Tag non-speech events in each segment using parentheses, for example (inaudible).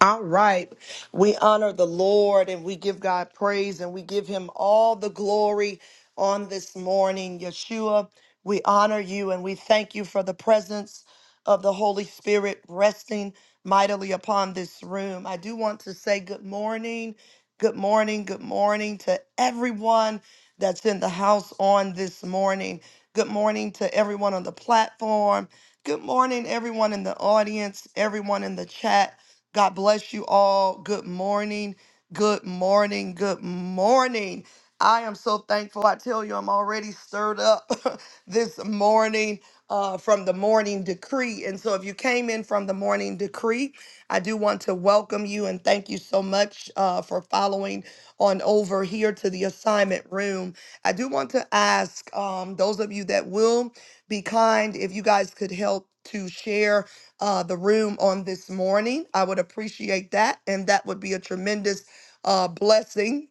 All right. We honor the Lord and we give God praise and we give him all the glory on this morning. Yeshua, we honor you and we thank you for the presence of the Holy Spirit resting mightily upon this room. I do want to say good morning. Good morning. Good morning to everyone that's in the house on this morning. Good morning to everyone on the platform. Good morning, everyone in the audience, everyone in the chat. God bless you all. Good morning. Good morning. Good morning. I am so thankful. I tell you, I'm already stirred up (laughs) this morning uh, from the morning decree. And so, if you came in from the morning decree, I do want to welcome you and thank you so much uh, for following on over here to the assignment room. I do want to ask um, those of you that will be kind if you guys could help to share uh, the room on this morning. I would appreciate that. And that would be a tremendous uh, blessing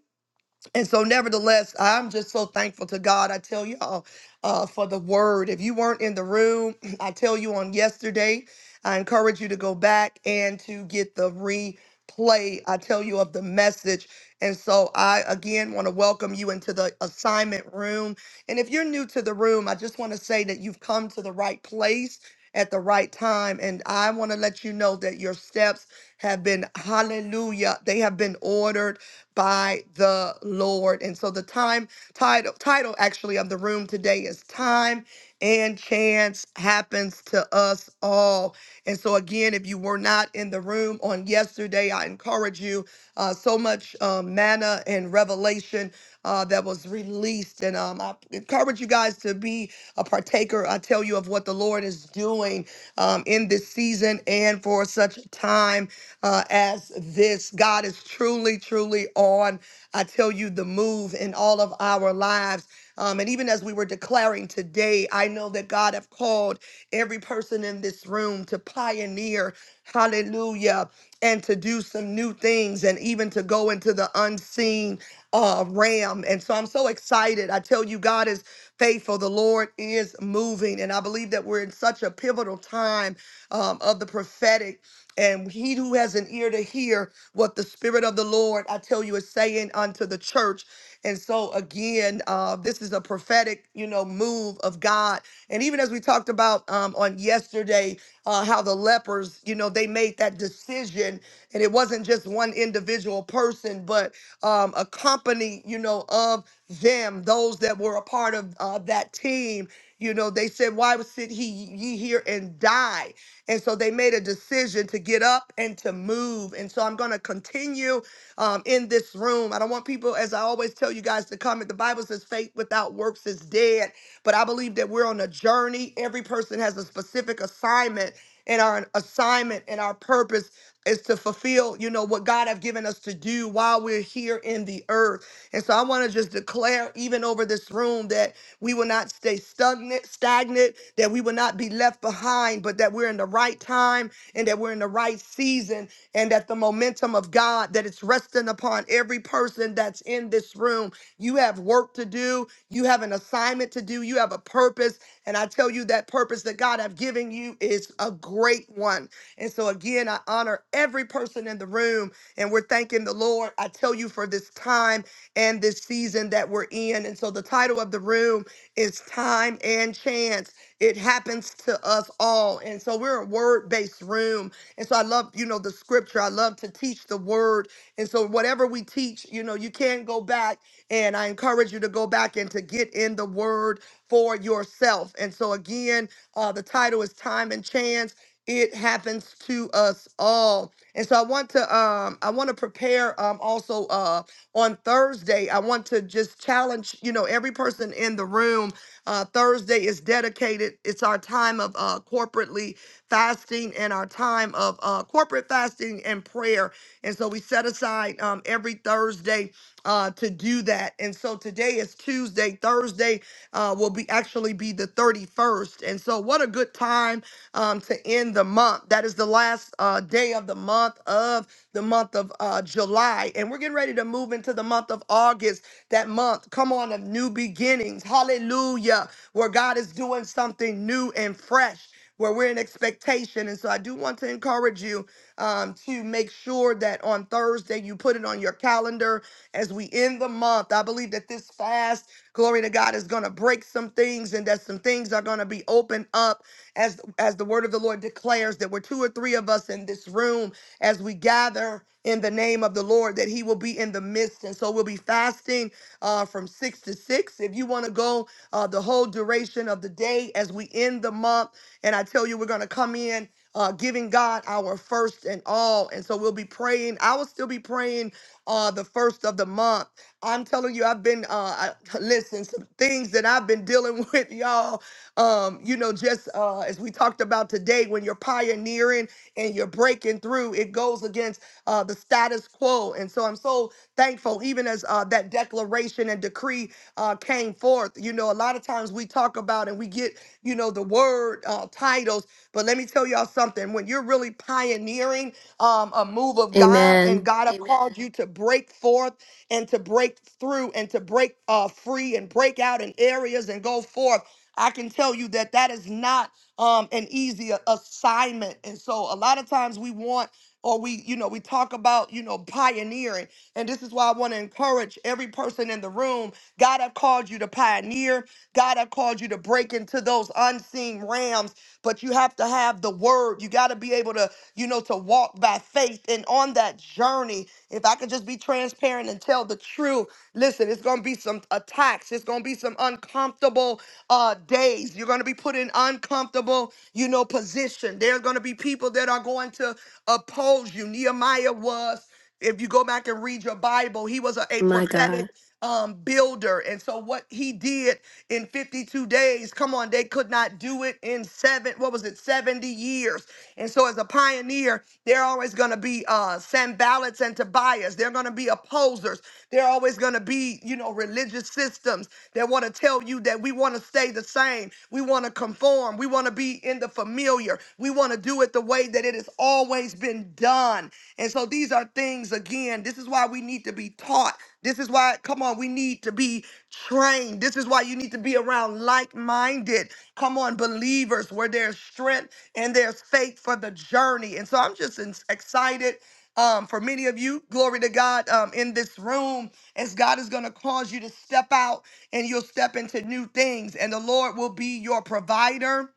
and so, nevertheless, I'm just so thankful to God. I tell y'all uh, for the word. If you weren't in the room, (clears throat) I tell you on yesterday, I encourage you to go back and to get the replay. I tell you of the message. And so, I again want to welcome you into the assignment room. And if you're new to the room, I just want to say that you've come to the right place at the right time. And I want to let you know that your steps have been, hallelujah, they have been ordered by the Lord. And so the time title title actually of the room today is time and chance happens to us all. And so, again, if you were not in the room on yesterday, I encourage you. Uh, so much um, manna and revelation uh, that was released. And um, I encourage you guys to be a partaker. I tell you of what the Lord is doing um, in this season and for such a time uh, as this. God is truly, truly on, I tell you, the move in all of our lives. Um, and even as we were declaring today, I know that God have called every person in this room to pioneer, hallelujah, and to do some new things and even to go into the unseen uh, realm. And so I'm so excited. I tell you, God is faithful. The Lord is moving. And I believe that we're in such a pivotal time um, of the prophetic. And he who has an ear to hear what the Spirit of the Lord, I tell you, is saying unto the church. And so, again, uh, this is a prophetic, you know, move of God. And even as we talked about um, on yesterday, uh, how the lepers, you know, they made that decision, and it wasn't just one individual person, but um, a company, you know, of them, those that were a part of uh, that team. You know, they said, "Why sit he ye here and die?" And so they made a decision to get up and to move. And so I'm going to continue um, in this room. I don't want people, as I always tell you guys, to comment. The Bible says faith without works is dead. But I believe that we're on a journey. Every person has a specific assignment. And our assignment and our purpose is to fulfill, you know, what God have given us to do while we're here in the earth. And so I want to just declare, even over this room, that we will not stay stagnant, stagnant, that we will not be left behind, but that we're in the right time and that we're in the right season and that the momentum of God that it's resting upon every person that's in this room. You have work to do, you have an assignment to do, you have a purpose, and I tell you that purpose that God have given you is a great one. And so again, I honor every person in the room and we're thanking the Lord. I tell you for this time and this season that we're in. And so the title of the room it's time and chance. It happens to us all. And so we're a word based room. And so I love, you know, the scripture. I love to teach the word. And so whatever we teach, you know, you can go back and I encourage you to go back and to get in the word for yourself. And so again, uh, the title is Time and Chance. It happens to us all. And so I want to um I want to prepare um also uh on Thursday, I want to just challenge, you know, every person in the room. Uh, Thursday is dedicated. It's our time of uh, corporately fasting and our time of uh, corporate fasting and prayer. And so we set aside um, every Thursday uh, to do that. And so today is Tuesday. Thursday uh, will be be actually be the 31st. And so, what a good time um, to end the month. That is the last uh, day of the month of the month of uh, July. And we're getting ready to move into the month of August, that month, come on, of new beginnings. Hallelujah. Where God is doing something new and fresh. Where we're in expectation. And so I do want to encourage you um, to make sure that on Thursday you put it on your calendar as we end the month. I believe that this fast Glory to God is going to break some things and that some things are going to be opened up as as the word of the Lord declares that we're two or three of us in this room as we gather in the name of the Lord that he will be in the midst and so we'll be fasting uh, from 6 to 6 if you want to go uh, the whole duration of the day as we end the month and I tell you we're going to come in uh, giving God our first and all. And so we'll be praying. I will still be praying uh, the first of the month. I'm telling you, I've been uh I, listen, some things that I've been dealing (laughs) with, y'all. Um, you know, just uh as we talked about today, when you're pioneering and you're breaking through, it goes against uh the status quo. And so I'm so thankful, even as uh that declaration and decree uh came forth. You know, a lot of times we talk about and we get, you know, the word uh titles, but let me tell y'all something. When you're really pioneering um a move of God and Amen. God have Amen. called you to break forth and to break through and to break uh, free and break out in areas and go forth. I can tell you that that is not um, an easy a- assignment. And so a lot of times we want or we, you know, we talk about, you know, pioneering. And this is why I want to encourage every person in the room. God have called you to pioneer. God have called you to break into those unseen realms but you have to have the word. You got to be able to, you know, to walk by faith. And on that journey, if I could just be transparent and tell the truth, listen, it's going to be some attacks. It's going to be some uncomfortable uh, days. You're going to be put in uncomfortable, you know, position. There's going to be people that are going to oppose you. Nehemiah was if you go back and read your Bible, he was a, a My prophetic God. um, builder. And so what he did in 52 days. Come on, they could not do it in seven, what was it, 70 years. And so, as a pioneer, they're always going to be uh, Sanballats and Tobias. They're going to be opposers. There are always going to be, you know, religious systems that want to tell you that we want to stay the same. We want to conform. We want to be in the familiar. We want to do it the way that it has always been done. And so these are things, again, this is why we need to be taught. This is why, come on, we need to be trained. This is why you need to be around like minded, come on, believers where there's strength and there's faith for the journey. And so I'm just in- excited. Um, for many of you, glory to God, um, in this room, as God is going to cause you to step out and you'll step into new things, and the Lord will be your provider.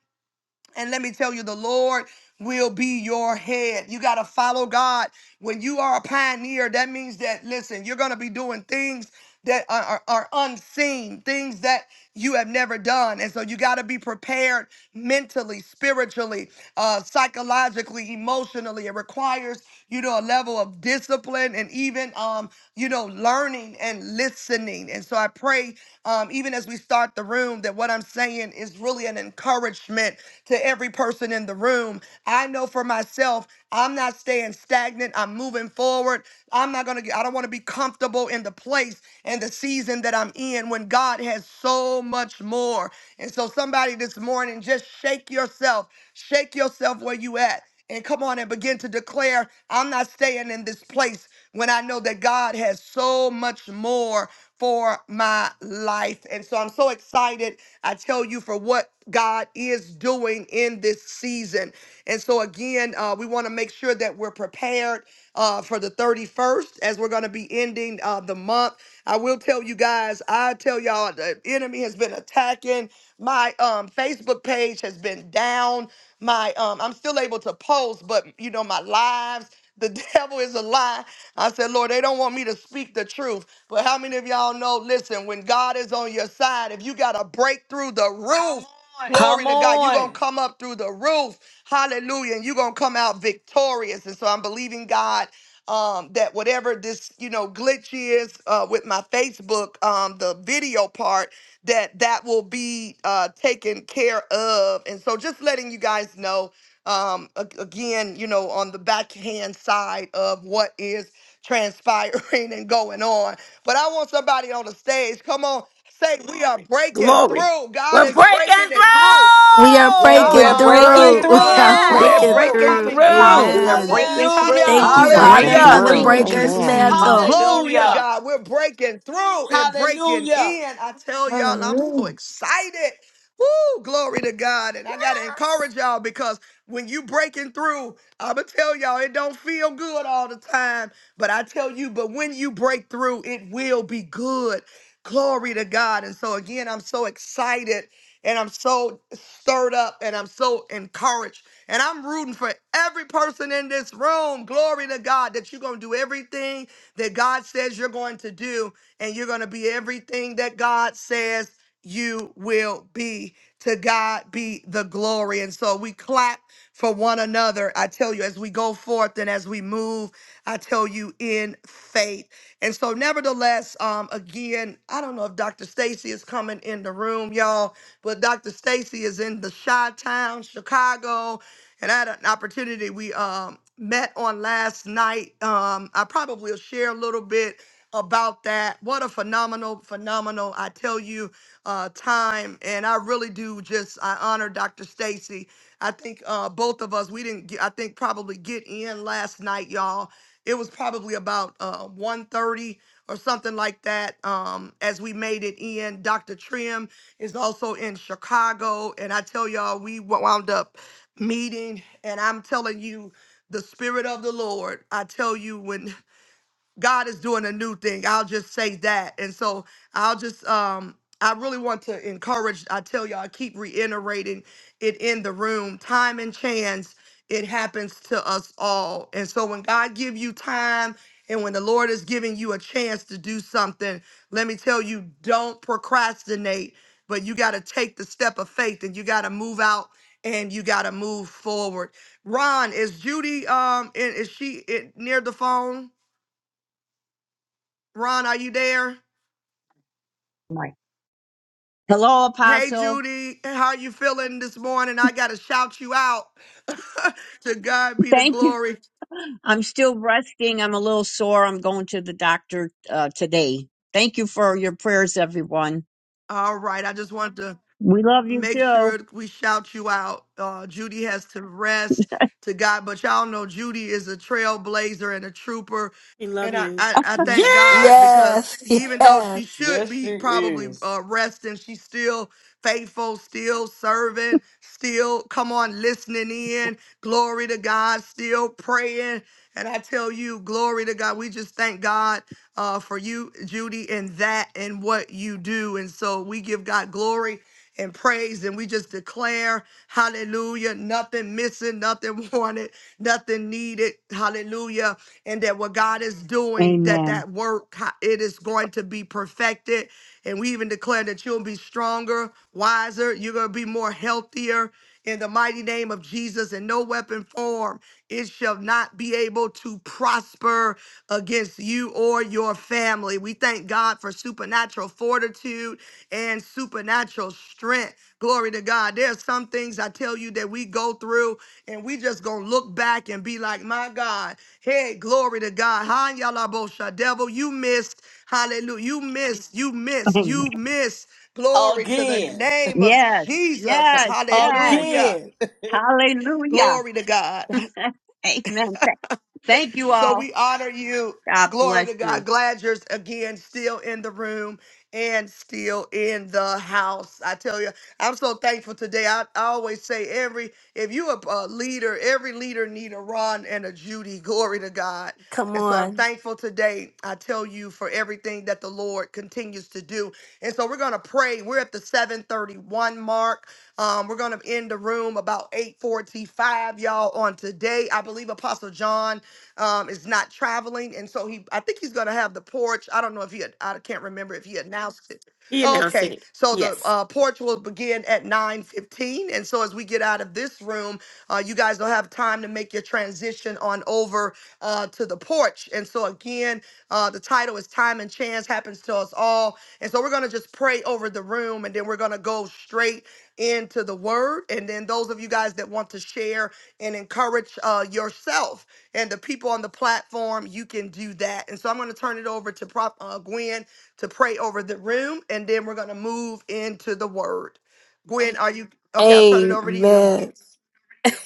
And let me tell you, the Lord will be your head. You got to follow God. When you are a pioneer, that means that, listen, you're going to be doing things that are, are, are unseen, things that you have never done. And so you got to be prepared mentally, spiritually, uh, psychologically, emotionally. It requires, you know, a level of discipline and even, um, you know, learning and listening. And so I pray, um, even as we start the room, that what I'm saying is really an encouragement encouragement to every person in the room. I know for myself, I'm not staying stagnant. I'm moving forward. I'm not going to get, I don't want to be comfortable in the place and the season that I'm in when God has so much more. And so, somebody this morning, just shake yourself, shake yourself where you at and come on and begin to declare, I'm not staying in this place when I know that God has so much more for my life. And so I'm so excited, I tell you, for what God is doing in this season. And so, again, uh, we want to make sure that we're prepared uh, for the 31st as we're going to be ending. uh, uh, the month. I will tell you guys, I tell y'all, the enemy has been attacking. My um, Facebook page has been down. My um, I'm still able to post, but you know, my lives, the (laughs) devil is a lie. I said, Lord, they don't want me to speak the truth. But how many of y'all know? Listen, when God is on your side, if you got to break through the roof, Come on. glory Come to God, you're on. going to come up through the roof. Hallelujah. And you're going to come out victorious. And so I'm believing God um, that whatever this you know glitch is uh, with my Facebook, um, the video part that that will be uh, taken care of, and so just letting you guys know um, a- again, you know, on the backhand side of what is transpiring (laughs) and going on. But I want somebody on the stage. Come on, say we are breaking Glory. through. God We're is breaking breaking through. it through. We are We God We're breaking is are breaking through. breaking (laughs) We us are breaking through. We're through. Yes. breaking We're through. breaking through. coming through. We through. are Amen. breaking Hallelujah. through. Hallelujah. Thank you, Hallelujah. breaking Father, breaking for Hallelujah. the through. through in breaker's Jesus' Amen. name. mantle. Glory to Hallelujah. Hallelujah. God. We're breaking through and breaking Hallelujah. in. I tell y'all, I'm so Hallelujah. excited. Woo, glory to God. And I got to encourage y'all because when you breaking through, I'm going to tell y'all, it don't feel good all the time. But I tell you, but when you break through, it will be good. Glory to God. And so again, I'm so excited and I'm so stirred up and I'm so encouraged. And I'm rooting for every person in this room. Glory to God that you're going to do everything that God says you're going to do, and you're going to be everything that God says you will be. To God be the glory. And so we clap for one another. I tell you, as we go forth and as we move, I tell you in faith. And so, nevertheless, um, again, I don't know if Dr. Stacy is coming in the room, y'all, but Dr. Stacy is in the Chi Town, Chicago and I had an opportunity. We um, met on last night. Um, I probably will share a little bit about that. What a phenomenal, phenomenal, I tell you, uh, time. And I really do just, I honor Dr. Stacy. I think uh, both of us, we didn't, get, I think probably get in last night, y'all. It was probably about uh, 1.30 or something like that um, as we made it in. Dr. Trim is also in Chicago. And I tell y'all, we wound up meeting. And I'm telling you, the Spirit of the Lord, I tell you, when God is doing a new thing. I'll just say that. And so I'll just um I really want to encourage, I tell y'all, I keep reiterating it in the room. Time and chance, it happens to us all. And so when God give you time and when the Lord is giving you a chance to do something, let me tell you, don't procrastinate, but you got to take the step of faith and you got to move out and you got to move forward. Ron, is Judy um and is she it, near the phone? Ron, are you there? Right. Hello, Hey, Apostle. Judy, how are you feeling this morning? I got to shout you out. (laughs) to God be the Thank you. glory. I'm still resting. I'm a little sore. I'm going to the doctor uh, today. Thank you for your prayers, everyone. All right, I just wanted to We love you make too. sure we shout you out. Uh, Judy has to rest to God, but y'all know Judy is a trailblazer and a trooper, We love and I you. I, I thank God Yes. because Yes. (laughs) even though she Yes. should Yes, be she probably is. uh, resting, she's still faithful, still serving, still come on listening in. Glory to God, still praying, and I tell you, glory to God. We just thank God. Uh, for you, Judy, and that and what you do. And so we give God glory and praise. And we just declare, hallelujah, nothing missing, nothing (laughs) wanted, nothing needed, hallelujah. And that what God is doing, that Amen. that work, ha- it is going to be perfected. And we even declare that you'll be stronger, wiser, you're going to be more healthier in the mighty name of Jesus, and no weapon formed, it shall not be able to prosper against you or your family. We thank God for supernatural fortitude and supernatural strength. Glory to God. There's some things I tell you that we go through and we just gonna look back and be like, my God, hey, glory to God. Ha yala bosha. Devil, you missed. Hallelujah. You missed. You (laughs) missed. Amen. You missed. Glory to the Again. name of yes, Jesus. yes, yes. Hallelujah. Again. Hallelujah. Glory to God. (laughs) Amen. Th- Thank you So all. we honor you. God Glory bless to God. you. Glad you're again still in the room and still in the house. I tell you, I'm so thankful today. I, I always say every if you a, a leader, every leader need a Ron and a Judy. Glory to God. Come And so I'm on. thankful today. I tell you for everything that the Lord continues to do. And so we're going to pray. We're at the 731 mark. Um, we're gonna end the room about 8:45, y'all, on today. I believe Apostle John um is not traveling, and so he I think he's gonna have the porch. I don't know if he had, I can't remember if he announced it. He announced Okay, it. so the Yes. uh, porch will begin at 9:15, and so as we get out of this room, uh, you guys will have time to make your transition on over uh, to the porch. And so again, uh, the title is "Time and Chance Happens to Us All," and so we're gonna just pray over the room, and then we're gonna go straight into the word and then those of you guys that want to share and encourage uh, yourself and the people on the platform you can do that and so i'm going to turn it over to prop uh, gwen to pray over the room and then we're going to move into the word gwen are you okay i'll turn it over to you Amen. (laughs)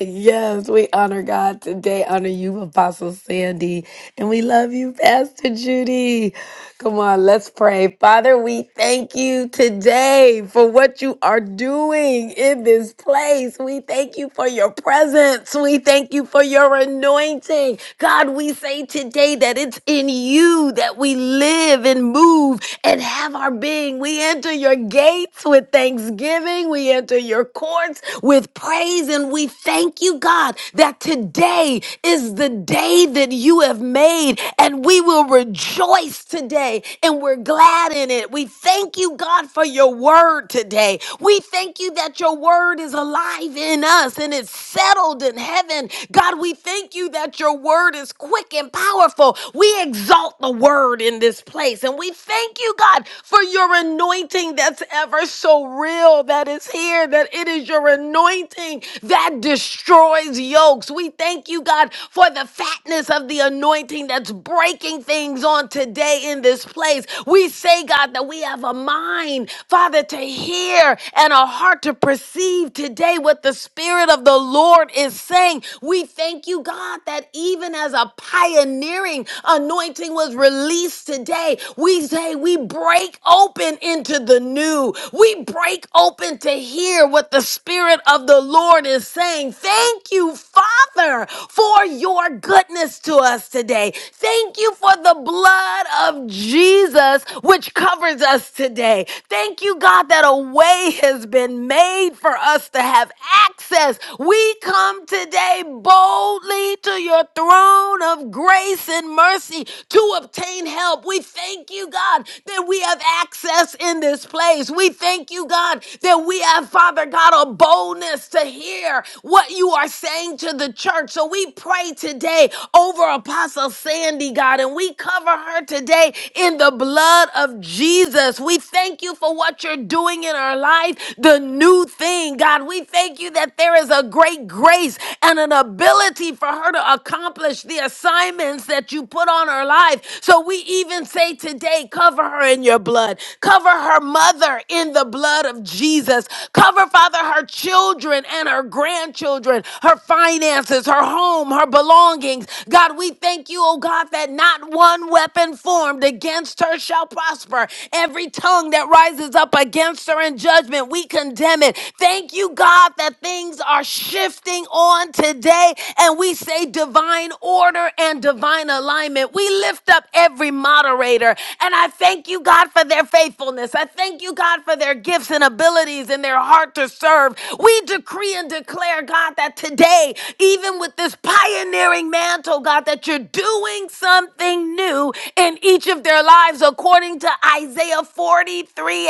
Yes, we honor God today. Honor you, Apostle Sandy. And we love you, Pastor Judy. Come on, let's pray. Father, we thank you today for what you are doing in this place. We thank you for your presence. We thank you for your anointing. God, we say today that it's in you that we live and move and have our being. We enter your gates with thanksgiving. We enter your courts with praise. And we thank you, God, that today is the day that you have made and we will will rejoice today and we're glad in it. We thank you, God, for your word today. We thank you that your word is alive in us and it's settled in heaven. God, we thank you that your word is quick and powerful. We exalt the word in this place and we thank you, God, for your anointing that's ever so real that is here, that it is your anointing that destroys yokes. We thank you, God, for the fatness of the anointing anointing that's breaking things on today in this place. We say, God, that we have a mind, Father, to hear and a heart to perceive today what the Spirit of the Lord is saying. We thank you, God, that even as a pioneering anointing was released today, we say we break open into the new. We break open to hear what the Spirit of the Lord is saying. Thank you, Father, for your for goodness to us today. Thank you for the blood of Jesus, which covers us today. Thank you, God, that a way has been made for us to have access. We come today boldly to your throne of grace and mercy to obtain help. We thank you, God, that we have access in this place. We thank you, God, that we have, Father God, a boldness to hear what you are saying to the church. So we pray today over Apostle Sandy, God, and we cover her today in the blood of Jesus. We thank you for what you're doing in her life, the new thing, God. We thank you that there is a great grace and an ability for her to accomplish the assignments that you put on her life. So we even say today, cover her in your blood, cover her mother in the blood of Jesus, cover, Father, her children and her grandchildren children, her finances, her home, her belongings. God, we thank you, oh God, that not one weapon formed against her shall prosper. Every tongue that rises up against her in judgment, we condemn it. Thank you, God, that things are shifting on today, and we say divine order and divine alignment. We lift up every moderator, and I thank you, God, for their faithfulness. I thank you, God, for their gifts and abilities and their heart to serve. We decree and declare, God, that today, even with this pioneering mantle, God, that you're doing something new in each of their lives according to Isaiah 43:18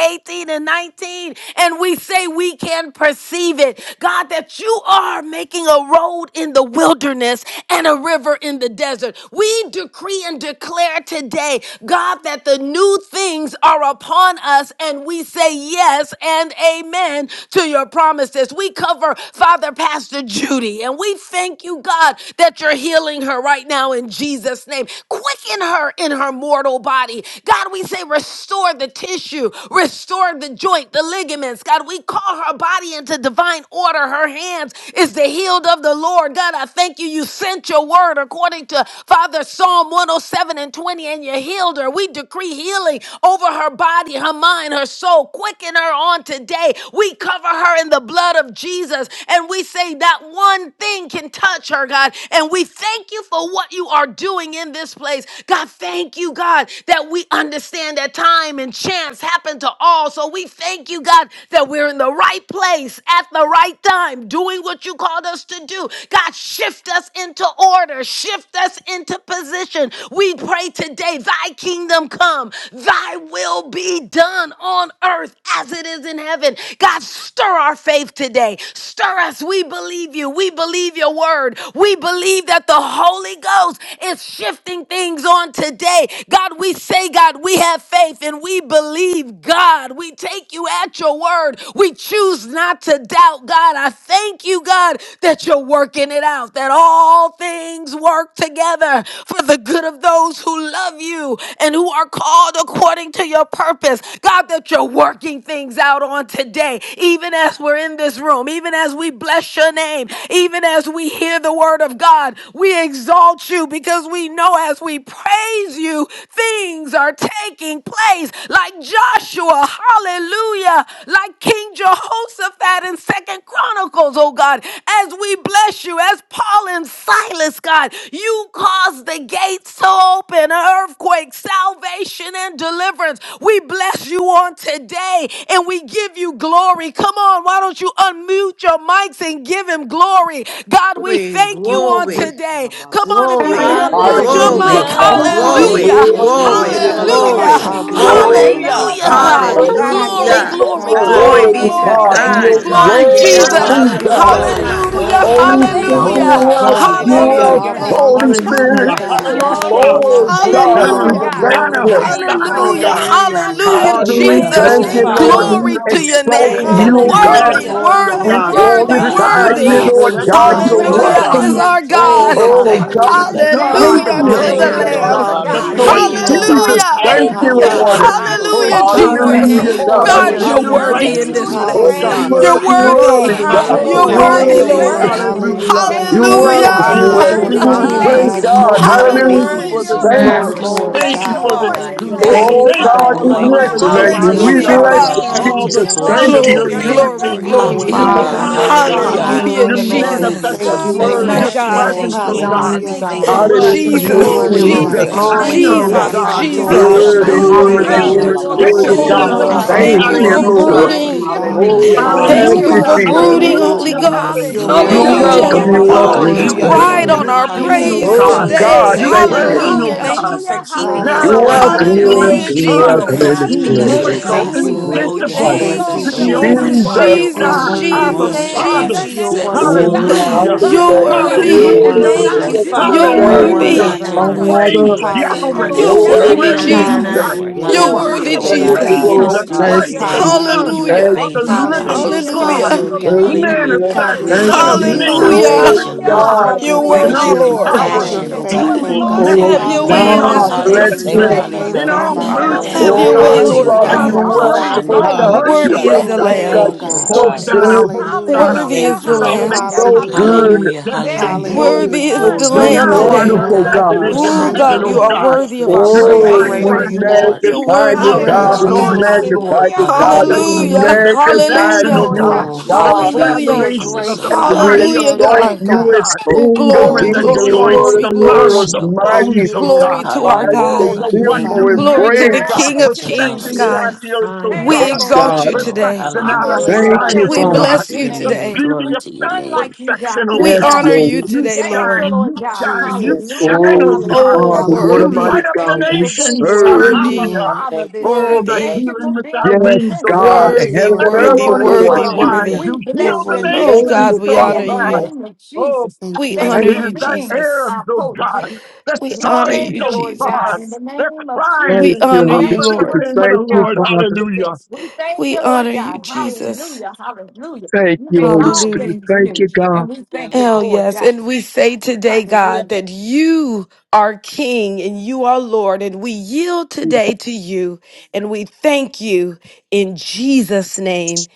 and 19. And we say we can perceive it. God, that you are making a road in the wilderness and a river in the desert. We decree and declare today, God, that the new things are upon us, and we say yes and amen in to your promises. We cover, Father, Pastor Judy, and we thank you, God, that you're healing her right now in Jesus' name. Quicken her in her mortal body. God, we say, restore the tissue, restore the joint, the ligaments. God, we call her body into divine order. Her hands is the healed of the Lord. God, I thank you. You sent your word according to Father Psalm 107 and 20, and you healed her. We decree healing over her body, her mind, her soul. Quicken her representing her on today. We cover her in the blood of Jesus and we say that one thing can touch her, God. And we thank you for what you are doing in this place. God, thank you, God, that we understand that time and chance happen to all. So we thank you, God, that we're in the right place at the right time, doing what you called us to do. God, shift us into order, shift us into position. We pray today, thy kingdom come, thy will be done done on earth as it is in heaven. God, stir our faith today. Stir us. We believe you. We believe your word. We believe that the Holy Ghost is shifting things on today. God, we say, God, we have faith and we believe, God. We take you at your word. We choose not to doubt, God. I thank you, God, that you're working it out, that all things work together for the good of those who love you and who are called according according to your purpose. God, that you're working things out on today, even as we're in this room, even as we bless your name, even as we hear the word of God, we exalt you because we know as we praise you, things are taking place like Joshua, hallelujah, like King Jehoshaphat in Second Chronicles, oh God, as we bless you, as Paul and Silas, God, you caused the gates to open, earthquakes salvation and deliverance. We bless you on today and we give you glory. Come on, why don't you unmute your mics and give him glory? God, we Glory, thank you on glory, today. Come on, Yarabasu, if you can glory, Hallelujah. unmute tarararabaso, your We give Hallelujah, glory, mic. Hallelujah. you God. Hallelujah. You glory. yarararabasaya. Thank We glory, Hallelujah. you, give Hallelujah. will, you glory, Glory you to honor. Jesus. you, God. glory, Hallelujah. All Yerararabasika, Hallelujah. glory. glory. will, We Thank you, Hallelujah. bow Hallelujah, All before Father. yarararabasoya. God. you, Thank glory you, God, to I King you, of Glory, oh, give Jesus. God. Hallelujah. you Yes, Kings glory, and glory. God. I Glory glory, Lord worthy be of give Hallelujah. to you glory, God. Lords. Thank You you, glory, God. You are honor. sir. glory, exalt Hallelujah. Thank you, you, Glory Jesus. Hallelujah. to Thank Lord. worthy you, You're Almighty God. God. We Hallelujah. God. bless glorious, your Jesus. God. Hallelujah. name. Glory. Holy We Hallelujah. Hallelujah. Thank Spirit, you, honor We Hallelujah. you, Glory, you are, thank Father. you glory, for Jesus. you Glory being It to Hallelujah. are, the glory. all your We Hallelujah. Prince name, of belongs Holy to Lord. Thank Peace, you, glorify the you, you, Lord Spirit. Hallelujah, great Jesus. God. Jesus. We I Hallelujah. lift Glory, you am. hallelujah. up Oh on glory, Hallelujah. high. Thank you, God, glory, Hosanna, All Lord we Hallelujah. the You glory God. and thank to you glory, your Hosanna, you. alone are God. Thank you name, for Hosanna, oh worthy, oh being Hallelujah. the God Jesus. God. You're Hallelujah. worthy of Hallelujah. omnipresent Father, all the we one. salvation, Hallelujah. We Thank praise thank you, and Jesus, glory, you, all the thank Thank you, you, Lord. honor, Father. glory, Lord, Lord. We oh glory to God. power, your this exalt praise, We day, name. Thank Thank you, thank you, you, you, beauty, oh Lord. God, God. everlasting Worthy, Jesus. for Hallelujah. majesty, this Glory, O Father. day, We worthy, oh God. glory, God. Yes, We God. worthy, Your Hallelujah. God. The thank Thank you, glorify oh you, you, Prince splendor, of worthy. God, Lord your Jesus. Peace, You God. the are because Hallelujah. you You're excellency, were great Glory O of so Hallelujah I worthy our God. is to welcome. am. soul. worthy be our to be Oh, God. praised, the We praised, oh Oh Thank Father. thank you, God, God. fire you of Hallelujah. we this Jesus. You are day Father, God, so thank for I the Hallelujah you, to being worthy, Thank the oh glory worship our Hallelujah, you, Hallelujah. of God, Lord. you. Lamb. and Father we God, Jesus. the God. honor Thank you, Lord Hallelujah. you, Thank We Thank you, faith oh you, Lord. of thank Lord. God. you Lord. God. Jesus. this Hallelujah. day Thank in Thank the you, you, Hallelujah. We name Hallelujah. Father. Lord. of lift Hallelujah. you I up Jesus. Hallelujah, on praise today, your Hosanna, oh Thank Jesus. your God. Hallelujah, name, you, Thank you, Lord. God. You We God, holiness, Lord. are you're Jesus. ask your that Hallelujah. you worthy worthy Thank in have you, your to this Hallelujah, righteousness, be O Oh, for Jesus. perfect place. will you God. in worthy, praised. You're Hallelujah. each of them you sacrificing your Love worthy. for worthy, our life. and God. lives, You oh We joy You're Hallelujah. God. and We Hallelujah. worthy, bless You're worthy. peace. your thank Hallelujah. you, Lord. worthy, name Lord. this Lord. Hallelujah. Hallelujah. We Hallelujah. day Glory, You in the You're glory, You so name God, welcome, are glory. we glorify you of you. Hallelujah. beautiful. welcome me Jesus. We worthy, in magnify this honor Hallelujah. you. you place, Thank Great this God, Jesus. you is you for the God. are You morning. filling are us Hallelujah. Thank you worthy. with for Hallelujah, faithfulness, worthy. oh your this You Thank God. Jesus. are morning. You you. Yes, are glory. We so Lord. holy, Thank Yes, thank you you you faithful, for God. oh for this it are. God. Thank this you, You are day. Hallelujah. Tuesday. Thank Lord. you, Oh, so Thank you, Thank you God, for God. Father. we the love, Thank you, bless month Hallelujah, oh of you, God, man. Glory Jesus. July, to because We hallelujah. oh your you Hallelujah, name, are God. Thank bless Lord. you, Hallelujah. you, love. Father. Lord, And we for All the just Jesus. Hallelujah. filling us bless Thank Glory your freedom, with the to your you. holy Glory, your name. name, knowledge liberty, glory, of Lord. Thank you, your your Thank you, Glory Lord. to glory. Hallelujah, will. God. jubilee, Father. oh hallelujah, oh God. Thank Hallelujah. you, Hallelujah, God. Hallelujah. Hallelujah, Your Hallelujah, Lord. We Thank you, Lord. hallelujah. thank you, Jesus. manifested Thank you, Jesus. We We Jesus. Thank word, My Lord. you. your Hallelujah. bless bless you, you. We Thank God. you, presence, Lord. thank you, oh We oh Jesus. God. God. honor We you, Hallelujah. Thank you, thank The God. you, oh Father. God, wealth, the that you're Thank You're Hallelujah, you, even Jesus, Thank Lord. glory, you, giving worthy, us your Ooh, Lord. Jesus. another Thank God. you, Jesus, Jesus, Glory Hallelujah. chance, Thank this Shekinah, to oh you, Jesus. your oh We morning. God, Father, name, Jesus, Jesus, give for you God. being God. to Jesus, You glory. The Jesus. We faithful. worship worthy, give Jesus, face you you you Thank and to Yarabasi, Hallelujah. you, worthy, Jesus. praise you glory. face, Thank you you Hallelujah. the and Father. worthy, to for you the We lift Ooh, your Jacob worthy, give you yarararabaso, Thank Holy name you, God. overflow. glory. high, Thank Ghost, you, oh All generation. the Father. Thank thank Thank you God. you you, for yarararabaseya. glory for the Thank Jesus. you, Hallelujah. Lord. belongs divine to Lord. brooding. you, Hallelujah, oh God. shifting. Thank God. you, Oh, Hallelujah. We We Glory thank thank We to thank Thank Father. you you. your you you, give Hallelujah. you for for name, it Jesus. this Lord. Yarararabasoya. glory, brooding, day. Glory to Holy God. Hallelujah. your name. Ghost. You're You Hey, Glory Yes, Hallelujah. Hallelujah. to worthy Glory of We your the to welcome, your give Hallelujah. Lord. name. you you name, glory. You're Oh, welcome Father Glory in glory. to yarararabasaya. this you your God. worthy. We Hallelujah. You're place, give name. Ride you reign, man. on Thank your you, our worthy. honor. We king, Jesus. oh Thank you, praise give Hallelujah. Oh, you God. Worthy, Hallelujah. today. God, Jesus. Yes, You praise. worthy, Thank thank you, Lord. We you. Lord. reign, worthy, oh thank you, Hallelujah. God. Thank God. you for Hallelujah. Jesus. Oh, keeping Now You're us, Hallelujah. Lord unto Hallelujah. the God. welcome, you're King Hallelujah. Hallelujah. Hallelujah, Thank welcome, you, you're Rashaniraroshite. Father, eternal, welcome for Choosing in Jesus. Yes, this us, keeping God. us, Glory, using oh good. immortal, us. Thank God. Yes, you, Jesus. We Lord. thank Oh, Lord. Ooh, you your for the invisible, Thank Thank Jesus, you, presence, you, to souls oh that the will God. Lord. come only Let Jesus, it Jesus. into wise this Jesus, fill Yes, our You're day. Jesus, God. God, room, the worthy, We Abba Jesus, rooms, Lord. oh Thank bless you, God. Father. your Jesus. You're name. Let it You're Jesus. worthy, fill oh, God this Lord. all Hallelujah. room, oh by hallelujah. You're God, in the Ayarararaya. yourself. worthy. You're mighty Thank And you, name Hallelujah. of worthy, Thank besides you, Lord. Jesus. you, Jesus. Jesus, You're Father. there You're thank Oh, is I worthy. you, worthy, Hallelujah. none let your other. Lord. Praise Father. anointing We Orarararabakashiki. rest thank you, upon Yahweh. us Lord You're Thank Hallelujah. you on for Oh, God. worthy, today, being Praise oh you, God. Hallelujah, faithful, Jesus, for Jesus. Lord. Shiririyanananaya. being Hallelujah. You're our Yahshua. Glory Thank you to rock for Hallelujah, worthy, your of oh being a name, thank Thank God, you, you, to defense. faithful Praise Jesus. God. get you, We Lord. us the Lord. Father through to bless Thank this us, your you, Christ, Lord day. the Hallelujah. We Jesus. name God. this thank Son you in Hallelujah. day. Hallelujah. Thank of you, Thank the you, advance, oh Thank you, God. Hallelujah. living Jesus. You're Hallelujah. so Jesus. Thank God, you Hallelujah. good, for Hallelujah, God. being our hallelujah. Lord. God, healer manifest you're Great this Thank is Son your so day. Thank of you. you, good, Father. faithfulness, Man, Father. great Son Hallelujah. Oh, is of your Hallelujah, You're Hallelujah. love. God, so God, You're good to thank hallelujah, Great Hallelujah. in is us, worthy, your all you. God. Yes, hallelujah. Lord. power, You're Thank compassion, you. Hallelujah O Lord. to Heal God, your us, name, faithful, beauty, for Oh, Lord, us, God. God. God, and Oh, Have we I do Almighty your majesty, One. not way shall and in all be shake. God, this Hallelujah. healed. bless Hallelujah to place. your Hallelujah, You're Thank a you, you. judgment, name, Save us, in God. and faithful hallelujah. Yeah, Jesus. all we You da, are da, da, shall Father. da, mercy, worthy, Oh be da, Have O your Lord. God, da. we saved. God, way, Oh, Yes, For The you Hallelujah. Lord thank you, Father, God, all are. you're you you God. passive? Lord. are are welcome, our praise, sovereign, oh, all God. praise. God. We You're Roshanererorosha. worship, Worthy Hallelujah. O is You bless the God. welcome, We your oh, Oh, reign, God. Lamb. oh Glory name thank You're you, to this O God. so God. morning. good. Jesus. Hosanna, We Hallelujah. Hosanna, Worthy Thank Hallelujah, thank is you, the you, You're Lord. sir. Lamb. hallelujah, salvation, so Hallelujah. good. hallelujah. healing, Hallelujah, There redemption, hallelujah. is glory. Worthy Hallelujah. You're is Oh, none the you so like are Lamb Now Thank you, good, on you, today. oh none earth wonderful, as God. Lord. like God. it You you, are is in Ooh, so God. Ayanananaya. Thank Hallelujah. you, heaven, God, O you good. are Lord. God, Hallelujah. worthy of You are Thank our you, your We so Oh, Jesus. praise. divine praise Great you good, we are line Yes, this you, and Lord. your morning. God. Lord. You're And peace, magnify we worthy you, love, of thank you, all Great and God. We are you, Hallelujah, honor. joy, Jesus. O Orararararara. Lord. Lord magnify hallelujah, you, God. We the Hallelujah, hallelujah. Hallelujah. Hallelujah. healing, the hallelujah. We God, magnify thank connection, you, we oh Hallelujah. Lord you, God, God. Thank you, exalt Oh, the you. thank you God. for Jesus. your You're Hallelujah. collaboration faithfulness, of great, oh the you're And God. we Thank great, body you of for Hallelujah, you're a your exalt Christ, love. great, God. oh you God. as God, Oh, King of forming glory, Oh, the Kings thank and you glory, for Hallelujah. your Lord joints, glory, the of marrow, glory. Lords, compassion, the oh God. Thank mighty, bones, you, oh Glory God. Lord. to our mighty, Hallelujah, God. oh Oh, and the God. Thank you, one Thank fearful you, oh in new Father. God, Glory man, to oh the Glory praise. God, King of that to you the love name, Kings, perfecting us, it oh Thank Jesus. on you, God. God. the Jesus. Jesus. earth, oh Thank We you, God. Yes, Lord Ayararararara. exalt God. God. Thank you you, Lord. today. Perfection out of Hallelujah. Glory Thank Hallelujah. Hallelujah. you, Zion, We We oh Abasoya. Father. Glory God. bless bless to your you your The name, name. God. today. beauty Glory of to your None name. like you, God. perfection, oh We None Yes, like God. honor you. you Lord. Jesus. You today, Thank you, Lord. shine, Lord you God. shine, you Yes, Jesus. Jesus. Hallelujah. shine, oh Oh, God. Oh, Hallelujah. Father, what a Glory You worthy, Hallelujah. mighty Hallelujah. light up Thank God the you Abasoya. we for being nations, serve. Thank you, our worthy, hallelujah. Lord. Father Thank you, this sir. Oh, day. the Thank worthy, Thank you you. healing for with thy being Yes, the wings, oh Prince of God, God. Thank you, Peace. worthy, heaven Lord. and Every You're earth worthy, Jehovah morning worthy. you worthy, are adores Shalom. you. wise. worthy. Hallelujah. We You You're heal Thank bless you, the your The worthy. Jesus. Oh, name this God, nations, angels we bow oh day You're honor in the God. you. before worthy. name you. of Oh, Jesus. Thank We you, Thank honor you Lord. Thank for Pakistan, you, you. thy being Jesus. Arabs, our oh potentate. God. The We We honor Saudis, thank you, you, oh Lord God, God. in Jesus. the They're name of crying Thank We Jesus. and you, honor Holy you, Thank calling you on Lord. for Spirit. the name of being the Thank you, our Lord. rock of Father. Hallelujah. defense. We thank We you, Lord honor you, God. Jesus. Hallelujah. Hallelujah. Thank You you, make Holy all Hallelujah. Spirit. Hallelujah. things Thank you, new, Ooh. God. and we thank Hallelujah. you Oh, for it, yes. God. And we say today, God, Hallelujah. that you are King and you are Lord. And we yield today to you. And we thank you in Jesus' name.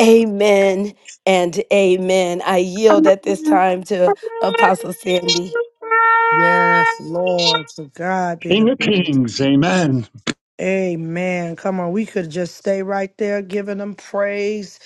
Amen and amen. I yield at this time to Apostle Sandy. Yes, Lord. To God be the King of glory. kings. Amen. Amen. Come on, we could just stay right there giving him praise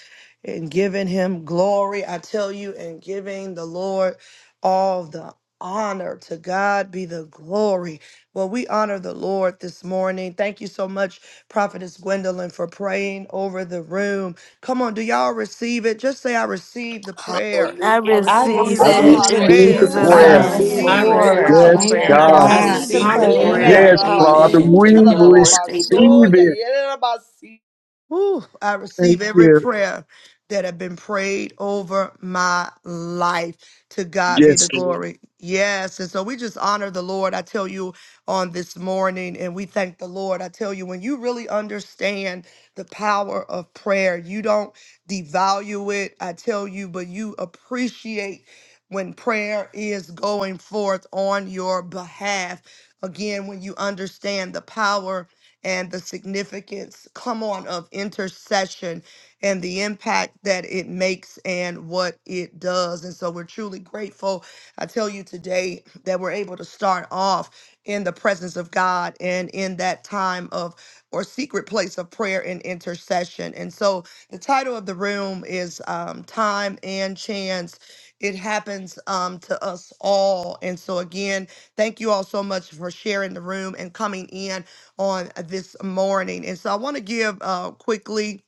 and giving him glory. I tell you, and giving the Lord all the honor. To God be the glory. Well, we honor the Lord this morning. Thank you so much, Prophetess Gwendolyn, for praying over the room. Come on, do y'all receive it? Just say, I receive the Hallelujah. prayer. I I I I receive I receive receive the those it receive I it in in prayer. receive the prayers. Jesus' receive I Jesus' hallelujah. God, the I prayer. name. I prayer. Yes, receive name. the I receive. receive receive it. Lord. prayers. the My Yes, Thank Amen. you, prayer God, I in God. I Hallelujah. I God. Jesus' receive the receive receive the the name. prayer. prayer. prayer. Hallelujah. Yes, Amen. Father. Amen. Hallelujah. We Yerarabasuta, Thank you, receive Lord. Thank you, Lord. rarabasoya, it. yerarabasi. Whew, I Thank receive every you. prayer that have been prayed over my life. To God be Yes, the glory. Yes. And so we just honor the Lord, I tell you, on this morning, and we thank the Lord. I tell you, when you really understand the power of prayer, you don't devalue it, I tell you, but you appreciate when prayer is going forth on your behalf. Again, when you understand the power and the significance, come on, of intercession and the impact that it makes and what it does. And so we're truly grateful. I tell you today that we're able to start off in the presence of God and in that time of or secret place of prayer and intercession. And so the title of the room is um, Time and Chance. It happens um, to us all. And so, again, thank you all so much for sharing the room and coming in on this morning. And so I want to give uh, quickly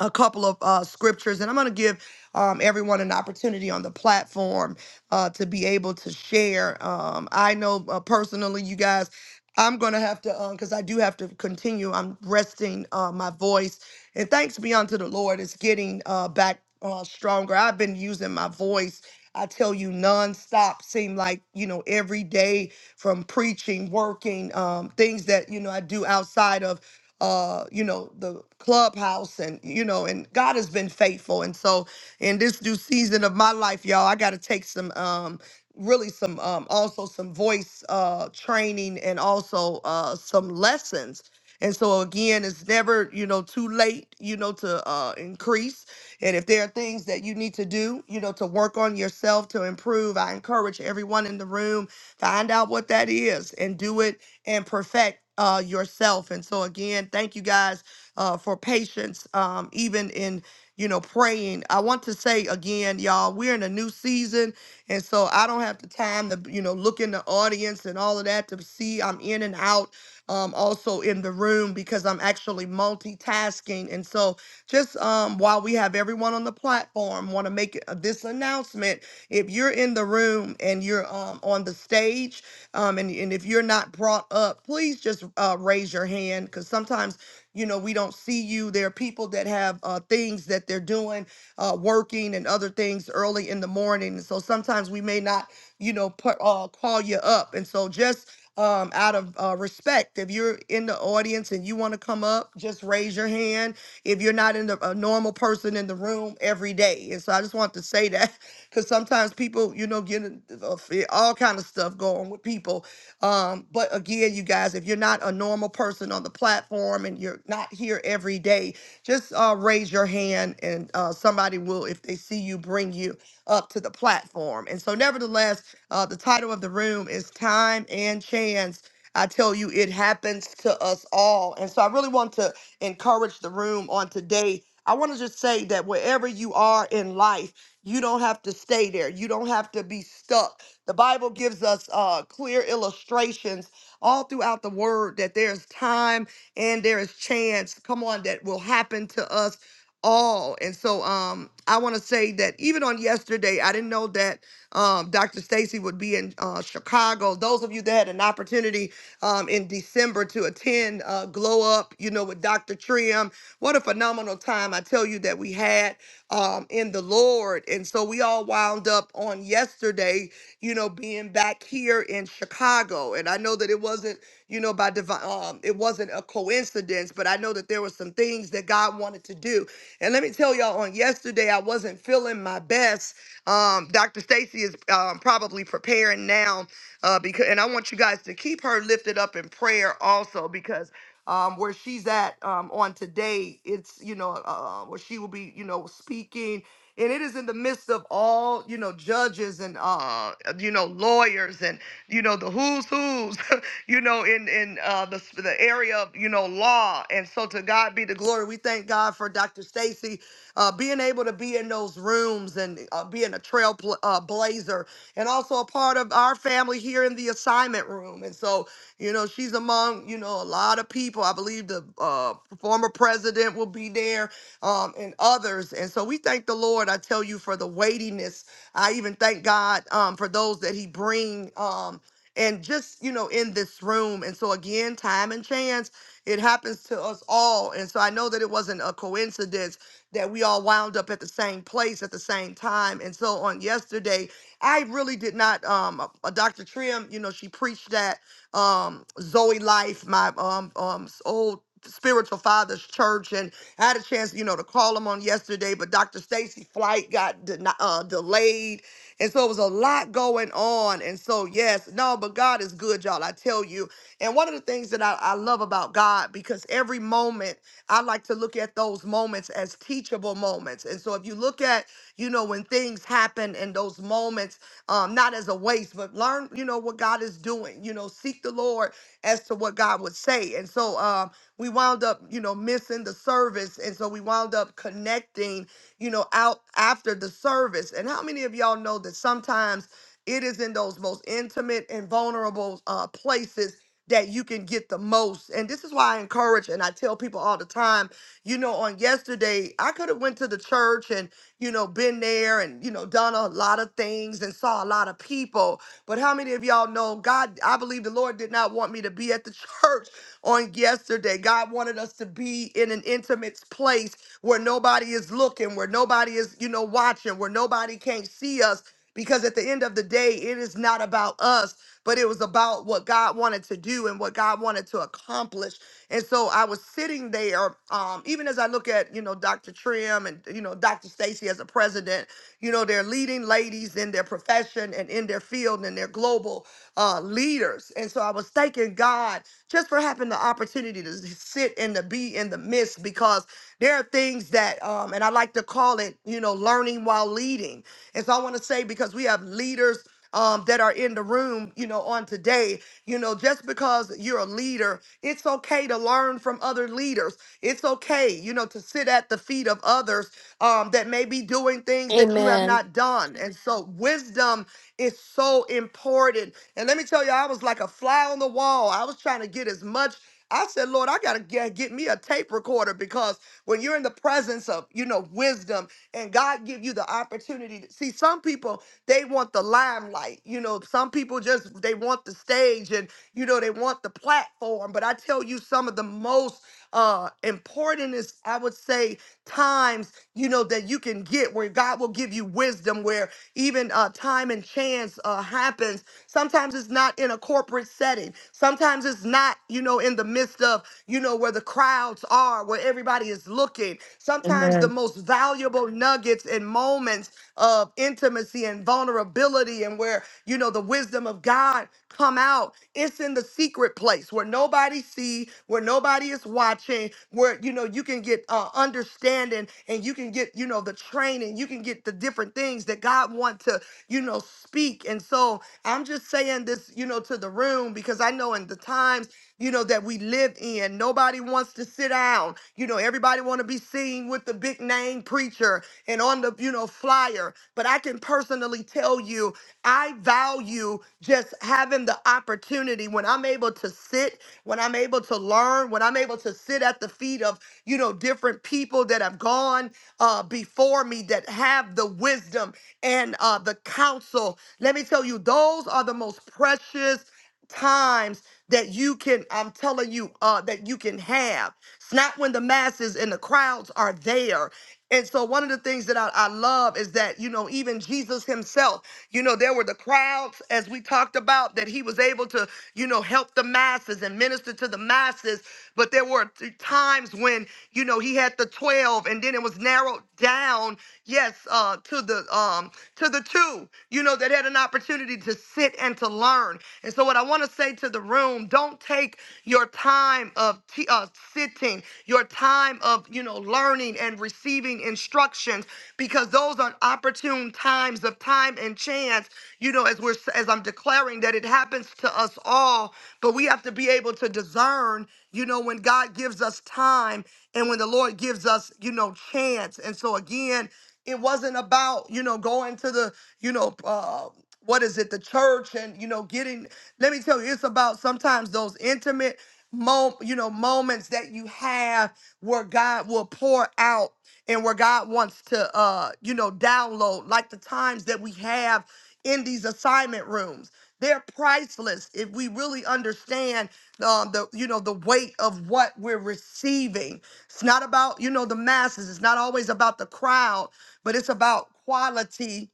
a couple of uh, scriptures, and I'm going to give um, everyone an opportunity on the platform uh, to be able to share. Um, I know uh, personally, you guys, I'm going to have to, because I do have to continue. I'm resting uh, my voice, and thanks be unto the Lord, it's getting uh, back uh, stronger. I've been using my voice. I tell you, nonstop seem like you know every day from preaching, working, um, things that you know I do outside of uh, you know, the clubhouse and, you know, and God has been faithful. And so in this due season of my life, y'all, I got to take some, um, really some, um, also some voice, uh, training and also, uh, some lessons. And so again, it's never, you know, too late, you know, to, uh, increase. And if there are things that you need to do, you know, to work on yourself, to improve, I encourage everyone in the room, find out what that is and do it and perfect uh, yourself. And so again, thank you guys uh, for patience, um, even in you know praying. I want to say again, y'all, we're in a new season, and so I don't have the time to you know look in the audience and all of that to see I'm in and out. Um, also in the room because I'm actually multitasking, and so just um, while we have everyone on the platform, want to make uh, this announcement. If you're in the room and you're um, on the stage um, and, and if you're not brought up, please just uh, raise your hand because sometimes, you know, we don't see you. There are people that have uh, things that they're doing, uh, working and other things early in the morning. So sometimes we may not, you know, put, uh, call you up. And so just um, out of uh, respect, if you're in the audience and you want to come up, just raise your hand if you're not in the, a normal person in the room every day. And so I just want to say that because sometimes people, you know, get in- uh, uh, fe- all kind of stuff going with people. Um, but again, you guys, if you're not a normal person on the platform and you're not here every day, just uh, raise your hand and uh, somebody will, if they see you, bring you up to the platform. And so, nevertheless, uh, the title of the room is Time and Chance. I tell you, it happens to us all. And so, I really want to encourage the room on today. I want to just say that wherever you are in life, you don't have to stay there. You don't have to be stuck. The Bible gives us uh, clear illustrations all throughout the word that there's time and there is chance. Come on, that will happen to us all. And so um, I want to say that even on yesterday, I didn't know that um, Dr. Stacy would be in uh, Chicago. Those of you that had an opportunity um, in December to attend uh, Glow Up, you know, with Dr. Trim, what a phenomenal time I tell you that we had um, in the Lord. And so we all wound up on yesterday, you know, being back here in Chicago. And I know that it wasn't, you know, by divine, um, it wasn't a coincidence, but I know that there were some things that God wanted to do. And let me tell y'all, on yesterday, I wasn't feeling my best. Um, Dr. Stacy is um, probably preparing now uh, because, and I want you guys to keep her lifted up in prayer also because um, where she's at um, on today. It's you know uh, where she will be you know speaking, and it is in the midst of all you know judges and uh, you know lawyers and you know the who's who's (laughs) you know in in uh, the s- the area of you know law. And so to God be the glory. We thank God for Dr. Stacy uh, being able to be in those rooms and uh, being a trail bl- uh, blazer and also a part of our family here in the assignment room. And so you know, she's among, you know, a lot of people. I believe the uh, former president will be there um, and others. And so we thank the Lord, I tell you, for the weightiness. I even thank God um, for those that he bring um, and just, you know, in this room. And so again, time and chance, it happens to us all. And so I know that it wasn't a coincidence that we all wound up at the same place at the same time. And so on yesterday, I really did not. Um, uh, uh, Dr. Trim, you know, she preached that um Zoe Life, my um um s- old spiritual father's church, and I had a chance, you know, to call him on yesterday, but Dr. Stacy's flight got deni- uh, delayed, and so it was a lot going on. And so yes, no, but God is good, y'all. I tell you. And one of the things that I, I love about God because every moment I like to look at those moments as teachable moments. And so if you look at, you know, when things happen and those moments um, not as a waste, but learn, you know, what God is doing. You know, seek the Lord as to what God would say. And so um, we wound up, you know, missing the service. And so we wound up connecting, you know, out after the service. And how many of y'all know that sometimes it is in those most intimate and vulnerable uh, places that you can get the most and this is why i encourage and i tell people all the time you know on yesterday i could have went to the church and you know, been there and, you know, done a lot of things and saw a lot of people. But how many of y'all know God? I believe the Lord did not want me to be at the (laughs) church on yesterday. God wanted us to be in an intimate place where nobody is looking, where nobody is, you know, watching, where nobody can't see us. Because at the end of the day, it is not about us, but it was about what God wanted to do and what God wanted to accomplish. And so I was sitting there, um, even as I look at, you know, Dr. Trim and, you know, Dr. Stacy as a president, you know, they're leading ladies in their profession and in their field and they're global uh, leaders. And so I was thanking God just for having the opportunity to sit and to be in the midst because there are things that, um, and I like to call it, you know, learning while leading. And so I want to say, because we have leaders um, that are in the room, you know, on today. You know, just because you're a leader, it's okay to learn from other leaders. It's okay, you know, to sit at the feet of others um, that may be doing things that you have Amen. not done. And so, wisdom is so important. And let me tell you, I was like a fly on the wall. I was trying to get as much. I said, Lord, I gotta get, get me a tape recorder because when you're in the presence of, you know, wisdom and God give you the opportunity to see some people they want the limelight. You know, some people just they want the stage and you know they want the platform. But I tell you, some of the most uh important is I would say times you know that you can get where God will give you wisdom, where even uh time and chance uh happens. Sometimes it's not in a corporate setting. Sometimes it's not you know in the midst of you know where the crowds are, where everybody is looking. Sometimes the Amen. most valuable nuggets and moments of intimacy and vulnerability and where, you know, the wisdom of God come out. It's in the secret place where nobody see, where nobody is watching, where, you know, you can get uh, understanding and you can get, you know, the training, you can get the different things that God want to, you know, speak. And so I'm just saying this, you know, to the room because I know in the times you know that we live in nobody wants to sit down you know everybody want to be seen with the big name preacher and on the you know flyer but i can personally tell you i value just having the opportunity when i'm able to sit when i'm able to learn when i'm able to sit at the feet of you know different people that have gone uh, before me that have the wisdom and uh, the counsel let me tell you those are the most precious times that you can i'm telling you uh that you can have it's not when the masses and the crowds are there and so one of the things that I, I love is that, you know, even Jesus himself, you know, there were the crowds, as we talked about, that he was able to, you know, help the masses and minister to the masses. But there were t- times when, you know, he had the 12 and then it was narrowed down yes, uh, to the um to the two, you know, that had an opportunity to sit and to learn. And so what I want to say to the room, don't take your time of t- uh, sitting, your time of, you know, learning and receiving instructions because those are opportune times of time and chance, you know, as we're as I'm declaring that it happens to us all, but we have to be able to discern, you know, when God gives us time and when the Lord gives us, you know, chance. And so again, it wasn't about, you know, going to the, you know, uh, what is it, the church and, you know, getting, let me tell you, it's about sometimes those intimate mom, you know, moments that you have where God will pour out and where God wants to, uh, you know, download, like the times that we have in these assignment rooms. They're priceless if we really understand um, the, you know, the weight of what we're receiving. It's not about, you know, the masses. It's not always about the crowd but it's about quality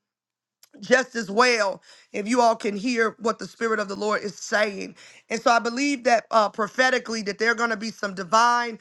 just as well if you all can hear what the spirit of the lord is saying and so i believe that uh prophetically that there are going to be some divine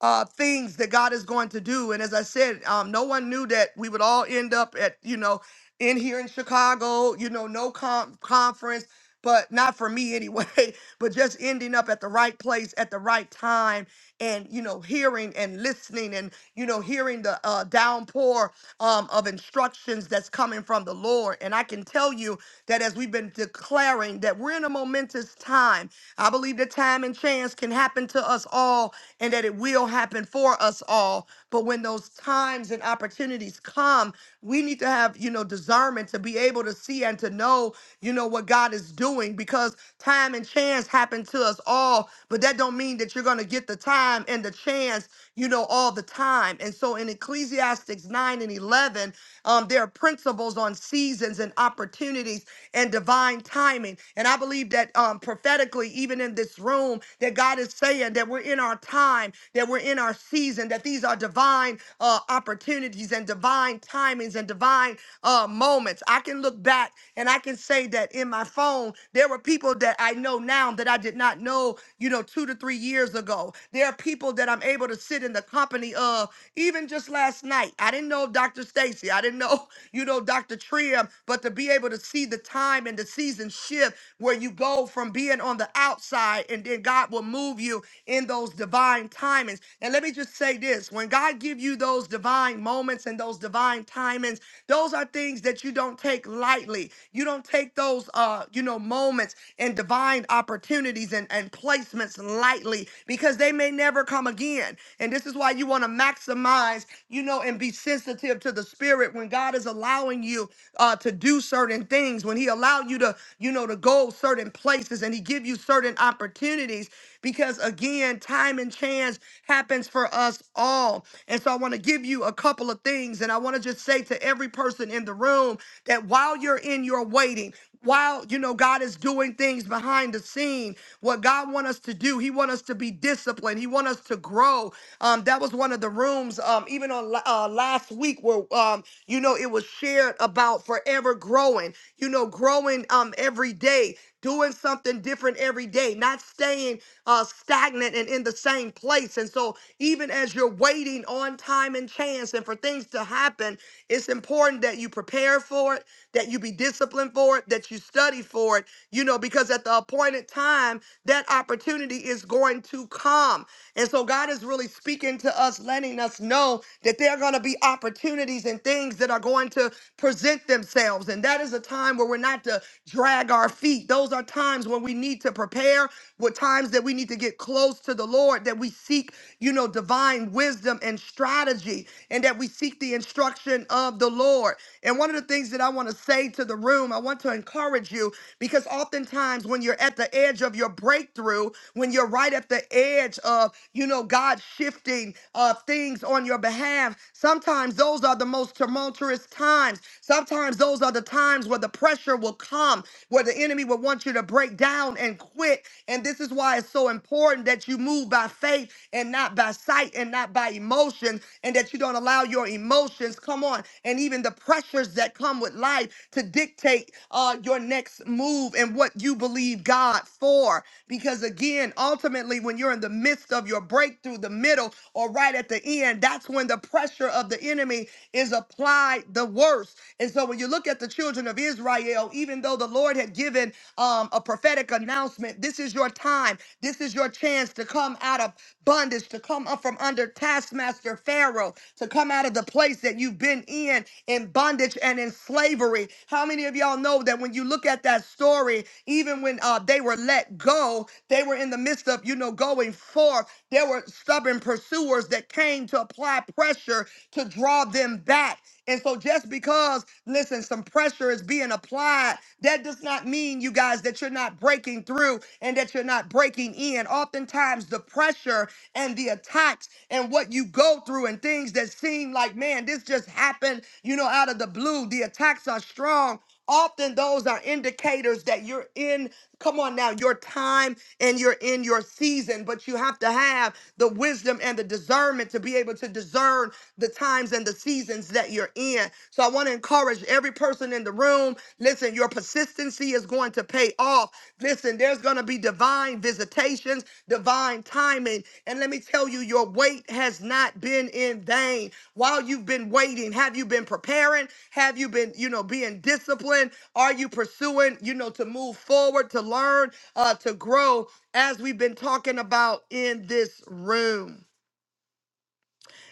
uh, things that God is going to do. And as I said, um, no one knew that we would all end up at, you know, in here in Chicago, you know, no com- conference, but not for me anyway, (laughs) but just ending up at the right place at the right time and, you know, hearing and listening and, you know, hearing the uh, downpour um, of instructions that's coming from the Lord. And I can tell you that as we've been declaring that we're in a momentous time, I believe that time and chance can happen to us all and that it will happen for us all. But when those times and opportunities come, we need to have, you know, discernment to be able to see and to know, you know, what God is doing because time and chance happen to us all. But that don't mean that you're going to get the time and the chance, you know, all the time. And so in Ecclesiastics 9 and 11, um, there are principles on seasons and opportunities and divine timing. And I believe that um, prophetically, even in this room, that God is saying that we're in our time, that we're in our season, that these are divine uh, opportunities and divine timings and divine uh, moments. I can look back and I can say that in my phone, there were people that I know now that I did not know you know, two to three years ago. There are people that I'm able to sit in the company of, even just last night. I didn't know Dr. Stacy. I didn't know, (laughs) you know, Dr. Trim, but to be able to see the time and the season shift where you go from being on the outside and then God will move you in those divine timings. And let me just say this when God give you those divine moments and those divine timings, those are things that you don't take lightly. You don't take those, uh, you know, moments and divine opportunities and, and placements lightly because they may never come again. And this is why you want to maximize, you know, and be sensitive to the spirit when God is allowing you uh, to do certain things, when He allow you to, you know, to go certain places and He give you certain opportunities opportunities because again, time and chance happens for us all. And so I want to give you a couple of things and I want to just say to every person in the room that while you're in your waiting, while you know God is doing things behind the scene, what God want us to do, He want us to be disciplined. He want us to grow. Um, that was one of the rooms, um, even on la- uh, last week, where um, you know it was shared about forever growing. You know, growing um every day doing something different every day, not staying uh, stagnant and in the same place. And so, even as you're waiting on time and chance and for things to happen, it's important that you prepare for it, that you be disciplined for it, that you study for it, you know, because at the appointed time, that opportunity is going to come. And so God is really speaking to us, letting us know that there are going to be opportunities and things that are going to present themselves. And that is a time where we're not to drag our feet. Those are times when we need to prepare, with times that we need to get close to the Lord, that we seek, you know, divine wisdom and strategy, and that we seek the instruction of the Lord. And one of the things that I want to say to the room, I want to encourage you because oftentimes when you're at the edge of your breakthrough, when you're right at the edge of, you know, God shifting uh, things on your behalf, sometimes those are the most tumultuous times. Sometimes those are the times where the pressure will come, where the enemy will want you to break down and quit. And this is why it's so important that you move by faith and not by sight and not by emotion, and that you don't allow your emotions, come on, and even the pressures that come with life to dictate uh, your next move and what you believe God for. Because again, ultimately, when you're in the midst of your breakthrough, the middle, or right at the end, that's when the pressure of the enemy is applied the worst. And so when you look at the children of Israel, even though the Lord had given um, a prophetic announcement, this is your time, this is your chance to come out of bondage, to come up from under taskmaster Pharaoh, to come out of the place that you've been in, in bondage and in slavery. How many of y'all know that when you look at that story, even when uh, they were let go, they were in the midst of, you know, going forth. There were stubborn pursuers that came to apply pressure to draw them back. And so just because, listen, some pressure is being applied, that does not mean, you guys, that you're not breaking through and that you're not breaking in. Oftentimes the pressure and the attacks and what you go through and things that seem like, man, this just happened, you know, out of the blue. The attacks are strong. Often those are indicators that you're in, come on now, your time and you're in your season, but you have to have the wisdom and the discernment to be able to discern the times and the seasons that you're in. So I want to encourage every person in the room listen, your persistency is going to pay off. Listen, there's going to be be divine visitations, divine timing. And let me tell you, your wait has not been in vain. While you've been waiting, have you been preparing? Have you been, you know, being disciplined? Are you pursuing, you know, to move forward, to learn, uh, to grow, as we've been talking about in this room?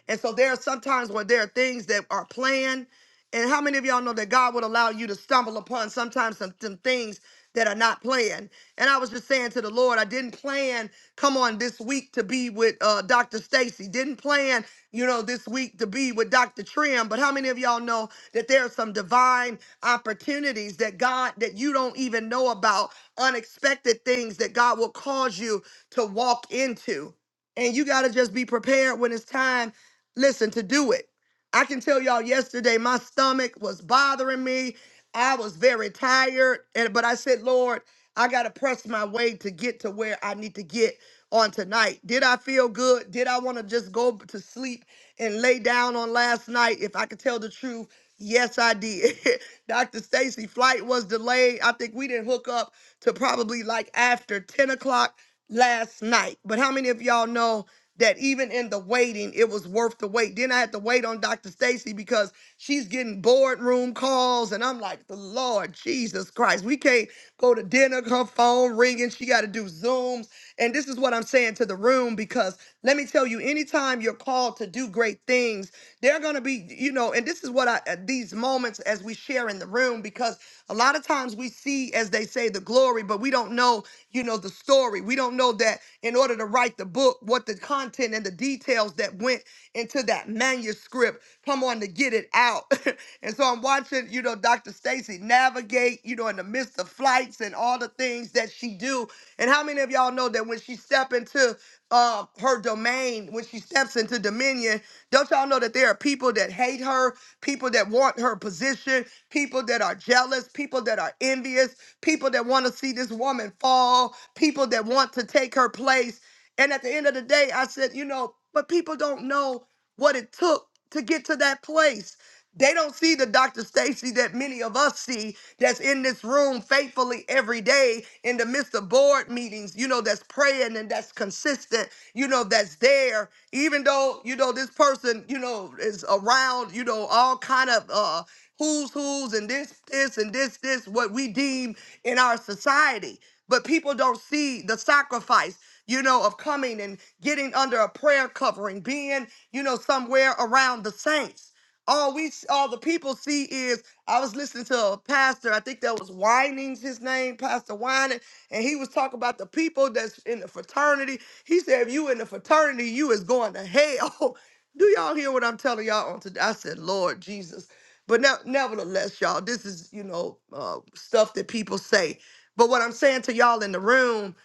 And so there are sometimes where there are things that are planned. And how many of y'all know that God would allow you to stumble upon sometimes some, some things that are not planned? And I was just saying to the Lord, I didn't plan, come on, this week to be with uh, Dr. Stacy. Didn't plan, you know, this week to be with Dr. Trim. But how many of y'all know that there are some divine opportunities that God, that you don't even know about, unexpected things that God will cause you to walk into? and you got to just be prepared when it's time listen to do it i can tell y'all yesterday my stomach was bothering me i was very tired and but i said lord i gotta press my way to get to where i need to get on tonight did i feel good did i want to just go to sleep and lay down on last night if i could tell the truth yes i did (laughs) dr stacy flight was delayed i think we didn't hook up to probably like after 10 o'clock last night but how many of y'all know that even in the waiting, it was worth the wait. Then I had to wait on Dr. Stacy because she's getting boardroom calls, and I'm like, the Lord Jesus Christ, we can't go to dinner. Her phone ringing, she got to do Zooms, and this is what I'm saying to the room because let me tell you, anytime you're called to do great things, they're gonna be, you know, and this is what I uh, these moments as we share in the room because a lot of times we see, as they say, the glory, but we don't know you know, the story. We don't know that in order to write the book, what the content and the details that went into that manuscript. Come on to get it out. (laughs) and so I'm watching, you know, Dr. Stacy navigate, you know, in the midst of flights and all the things that she do. And how many of y'all know that when she step into uh, her domain, when she steps into dominion, don't y'all know that there are people that hate her, people that want her position, people that are jealous, people that are envious, people that want to see this woman fall, people that want to take her place. And at the end of the day, I said, you know, but people don't know what it took to get to that place. They don't see the Dr. Stacy that many of us see that's in this room faithfully every day in the midst of board meetings, you know, that's praying and that's consistent, you know, that's there. Even though, you know, this person, you know, is around, you know, all kind of uh who's who's and this, this, and this, this, what we deem in our society. But people don't see the sacrifice, you know, of coming and getting under a prayer covering, being, you know, somewhere around the saints. All we, all the people see is, I was listening to a pastor, I think that was Winings, his name, Pastor Wining, and he was talking about the people that's in the fraternity. He said, if you in the fraternity, you is going to hell. (laughs) Do y'all hear what I'm telling y'all on today? I said, Lord Jesus. But now, nevertheless, y'all, this is, you know, uh, stuff that people say. But what I'm saying to y'all in the room,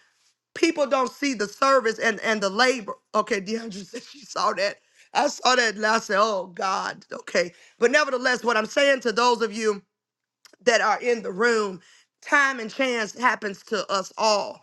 people don't see the service and, and the labor. Okay, DeAndre (laughs) said she saw that. I saw that and I said, oh God, okay. But nevertheless, what I'm saying to those of you that are in the room, time and chance happens to us all.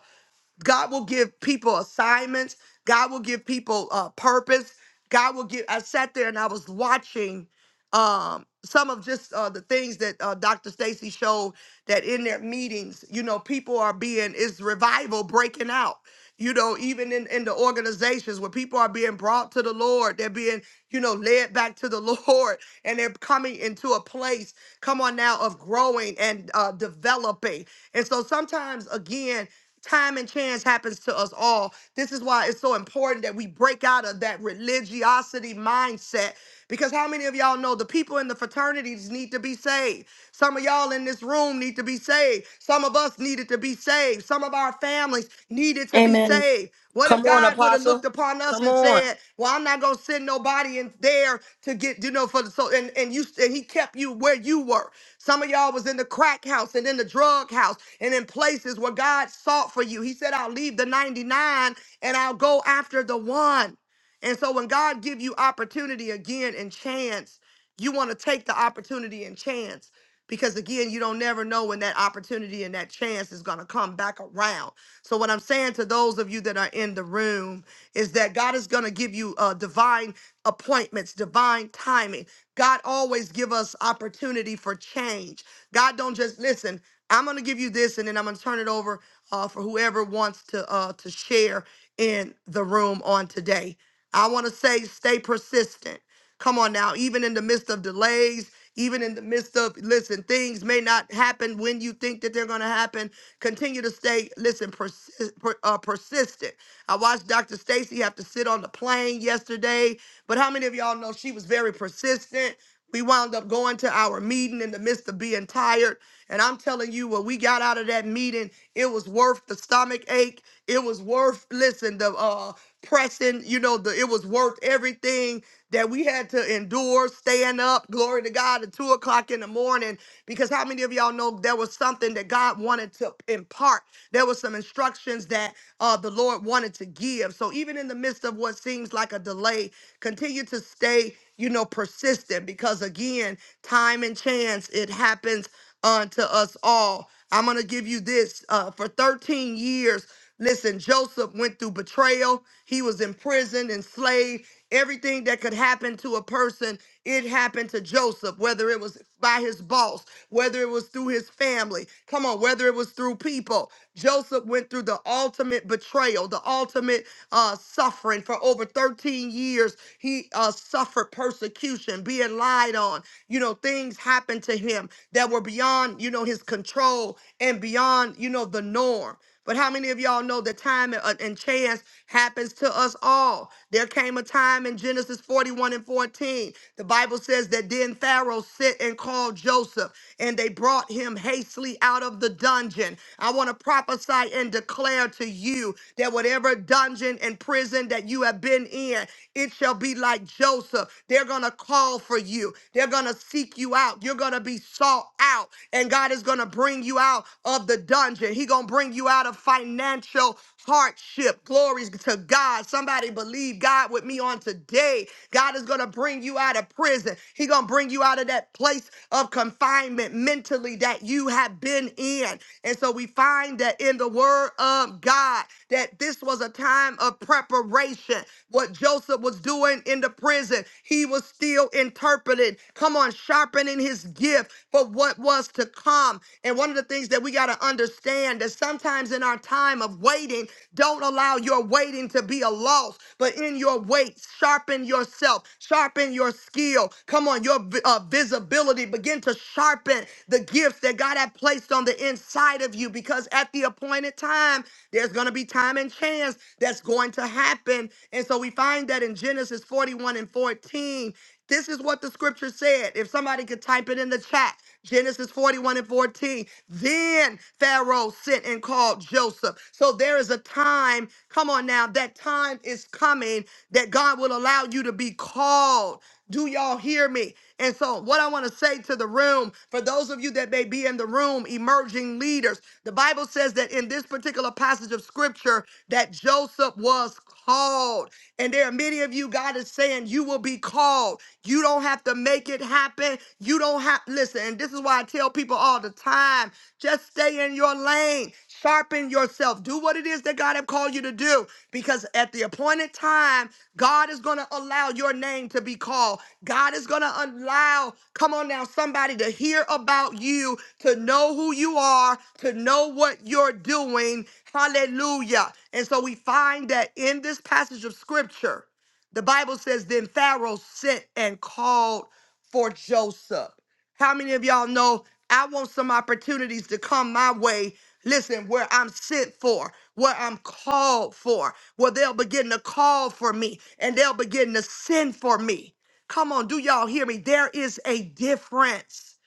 God will give people assignments. God will give people uh, purpose. God will give. I sat there and I was watching um, some of just uh, the things that uh, Dr. Stacy showed that in their meetings, you know, people are being is revival breaking out. You know, even in, in the organizations where people are being brought to the Lord, they're being, you know, led back to the (laughs) Lord and they're coming into a place, come on now, of growing and uh, developing. And so sometimes, again, time and chance happens to us all. This is why it's so important that we break out of that religiosity mindset. Because how many of y'all know the people in the fraternities need to be saved? Some of y'all in this room need to be saved. Some of us needed to be saved. Some of our families needed to be Amen. saved. What if Come on, God would have Apostle. looked upon us Come and on. said, "Well, I'm not gonna send nobody in there to get you know for the so and and you and He kept you where you were." Some of y'all was in the crack house and in the drug house and in places where God sought for you. He said, I'll leave the 99 and I'll go after the one. And so when God give you opportunity again and chance, you want to take the opportunity and chance because again, you don't never know when that opportunity and that chance is going to come back around. So what I'm saying to those of you that are in the room is that God is going to give you uh, divine appointments, divine timing. God always give us opportunity for change. God don't just listen. I'm gonna give you this, and then I'm gonna turn it over uh, for whoever wants to uh, to share in the room on today. I want to say, stay persistent. Come on now, even in the midst of delays, even in the midst of listen, things may not happen when you think that they're gonna happen. Continue to stay listen, persi- per, uh, persistent. I watched Dr. Stacy have to sit on the plane yesterday but how many of y'all know she was very persistent? We wound up going to our meeting in the midst of being tired. And I'm telling you, when we got out of that meeting, it was worth the stomach ache. It was worth listen the uh pressing. You know the it was worth everything that we had to endure, staying up. Glory to God at two o'clock in the morning. Because how many of y'all know there was something that God wanted to impart? There was some instructions that uh the Lord wanted to give. So even in the midst of what seems like a delay, continue to stay you know persistent because again time and chance it happens unto us all i'm going to give you this uh, for 13 years Listen, Joseph went through betrayal. He was in prison, enslaved. Everything that could happen to a person, it happened to Joseph, whether it was by his boss, whether it was through his family. Come on, whether it was through people. Joseph went through the ultimate betrayal, the ultimate uh, suffering for over 13 years. He uh, suffered persecution, being lied on. You know, things happened to him that were beyond, you know, his control and beyond, you know, the norm. But how many of y'all know that time and, uh, and chance happens to us all? There came a time in Genesis 41 and 14. The Bible says that then Pharaoh sent and called Joseph and they brought him hastily out of the dungeon. I want to prophesy and declare to you that whatever dungeon and prison that you have been in, it shall be like Joseph. They're going to call for you, they're going to seek you out. You're going to be sought out, and God is going to bring you out of the dungeon. He going to bring you out of financial hardship. Glory to God. Somebody believe God. God with me on today. God is going to bring you out of prison. He's going to bring you out of that place of confinement mentally that you have been in. And so we find that in the word of God that this was a time of preparation. What Joseph was doing in the prison, he was still interpreted. Come on, sharpening his gift for what was to come. And one of the things that we got to got to understand that sometimes in our time of waiting, don't allow your waiting to be a loss, but in your wait, sharpen yourself, sharpen your skill. Come on, your vi- uh, visibility, begin to sharpen the gifts that God had placed on the inside of you because at the appointed time, there's going to be time and chance that's going to happen. And so we find that in Genesis 41 and 14. This is what the scripture said. If somebody could type it in the chat, Genesis 41 and 14. Then Pharaoh sent and called Joseph. So there is a time, come on now, that time is coming that God will allow you to be called. Do y'all hear me? And so, what I want to say to the room, for those of you that may be in the room, emerging leaders, the Bible says that in this particular passage of scripture, that Joseph was called. And there are many of you, God is saying, you will be called. You don't have to make it happen. You don't have, listen, and this is why I tell people all the time just stay in your lane, sharpen yourself, do what it is that God have called you to do, because at the appointed time, God is going to allow your name to be called. God is going to allow, come on now, somebody to hear about you, to know who you are, to know what you're doing. Hallelujah. And so we find that in this passage of scripture, the Bible says, Then Pharaoh sent and called for Joseph. How many of y'all know I want some opportunities to come my way? Listen, where I'm sent for, where I'm called for, where they'll begin to call for me and they'll begin to send for me. Come on, do y'all hear me? There is a difference.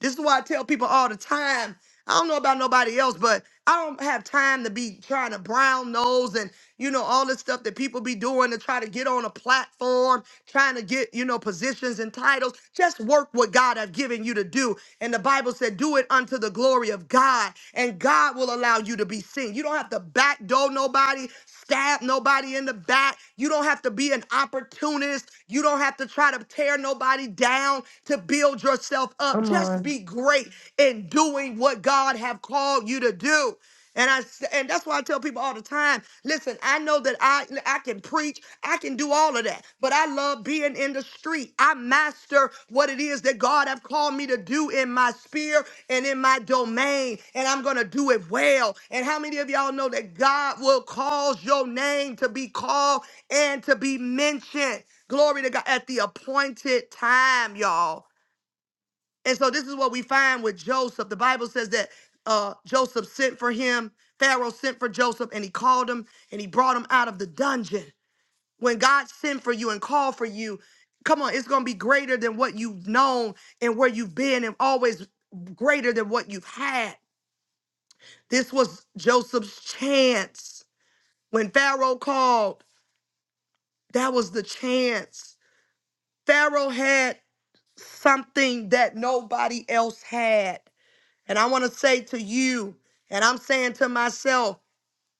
This is why I tell people all the time I don't know about nobody else, but I don't have time to be trying to brown nose and you know all this stuff that people be doing to try to get on a platform, trying to get you know positions and titles. Just work what God have given you to do. And the Bible said, "Do it unto the glory of God," and God will allow you to be seen. You don't have to backdoor nobody, stab nobody in the back. You don't have to be an opportunist. You don't have to try to tear nobody down to build yourself up. Come Just on. be be great in doing what God have called you to do. And I s- and that's why I tell people all the time, listen, I know that I I can preach, I can do all of that, but I love being in the street. I master what it is that God have called me to do in my sphere and in my domain, and I'm going to do it well. And how many of y'all know that God will cause your name to be called and to be mentioned? Glory to God at the appointed time, y'all. And so this is what we find with Joseph. The Bible says that uh, Joseph sent for him. Pharaoh sent for Joseph and he called him and he brought him out of the dungeon. When God sent for you and called for you, come on, it's going to be greater than what you've known and where you've been and always greater than what you've had. This was Joseph's chance. When Pharaoh called, that was the chance. Pharaoh had something that nobody else had. And I want to say to you, and I'm saying to myself,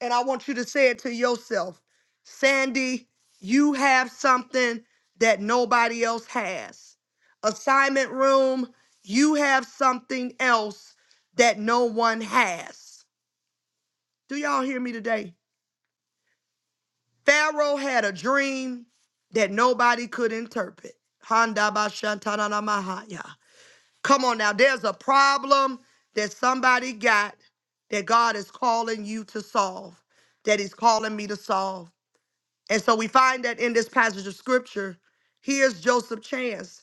and I want you to say it to yourself Sandy, you have something that nobody else has. Assignment room, you have something else that no one has. Do y'all hear me today? Pharaoh had a dream that nobody could interpret. Handa ba shantana na mahaya. Come on now, there's a problem that somebody got that God is calling you to solve, that He's calling me to solve. And so we find that in this passage of scripture, here's Joseph Chance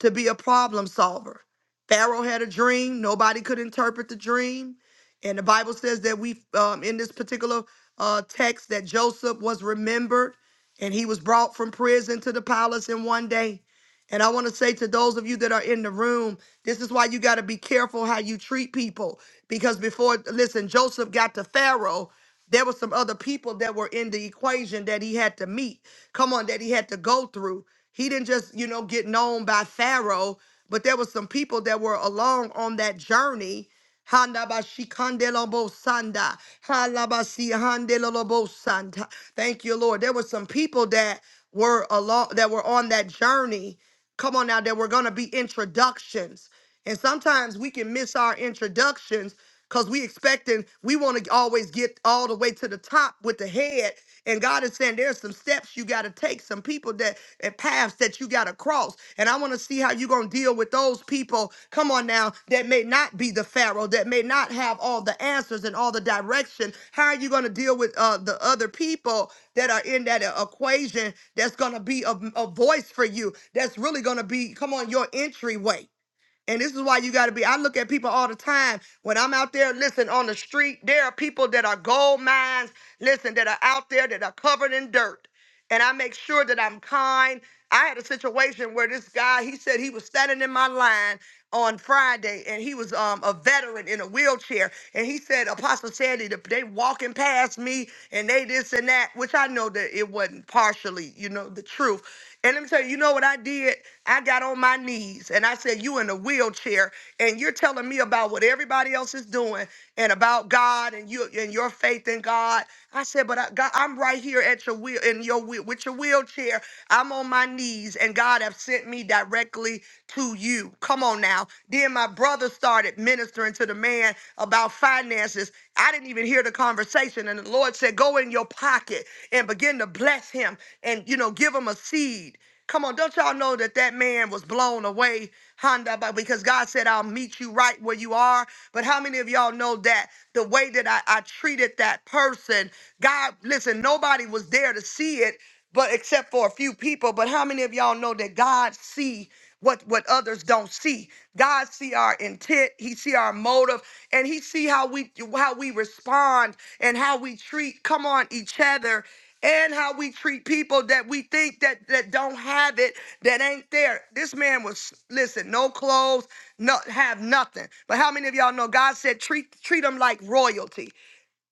to be a problem solver. Pharaoh had a dream, nobody could interpret the dream. And the Bible says that we, um, in this particular uh, text, that Joseph was remembered and he was brought from prison to the palace in one day. And I want to say to those of you that are in the room, this is why you got to be careful how you treat people. Because before, listen, Joseph got to Pharaoh, there were some other people that were in the equation that he had to meet. Come on, that he had to go through. He didn't just, you know, get known by Pharaoh, but there were some people that were along on that journey. Handa ba shi kande lo bo sanda. Hala ba si hande lo lo bo sanda. Thank you, Lord. There were some people that were along that were on that journey. Come on now, there were gonna be introductions. And sometimes we can miss our introductions because we expecting we want to always get all the way to the top with the head. And God is saying there's some steps you got to take, some people that and paths that you got to cross. And I want to see how you're going to deal with those people, come on now, that may not be the Pharaoh, that may not have all the answers and all the direction. How are you going to deal with uh, the other people that are in that uh, equation that's going to be a, a voice for you, that's really going to be, come on, your entryway? And this is why you got to be. I look at people all the time when I'm out there. Listen, on the street, there are people that are gold mines. Listen, that are out there that are covered in dirt. And I make sure that I'm kind. I had a situation where this guy, he said he was standing in my line on Friday, and he was um, a veteran in a wheelchair. And he said, Apostle Sandy, the- they walking past me, and they this and that, which I know that it wasn't partially, you know, the truth. And let me tell you, you know what I did? I got on my knees and I said, You in a wheelchair, and you're telling me about what everybody else is doing and about God and you and your faith in God. I said, But I, God, I'm right here at your wheel in your wheel with your wheelchair. I'm on my knees, and God have sent me directly to you. Come on now. Then my brother started ministering to the man about finances. I didn't even hear the conversation. And the Lord said, Go in your pocket and begin to bless him and you know, give him a seed. Come on, don't y'all know that that man was blown away, Honda, by- because God said, I'll meet you right where you are. But how many of y'all know that the way that I, I treated that person, God, listen, nobody was there to see it, but except for a few people. But how many of y'all know that God see what what others don't see? God see our intent, He see our motive, and He see how we how we respond and how we treat. Come on, each other. And how we treat people that we think that that don't have it, that ain't there. This man was listen, no clothes, no have nothing. But how many of y'all know God said treat treat them like royalty?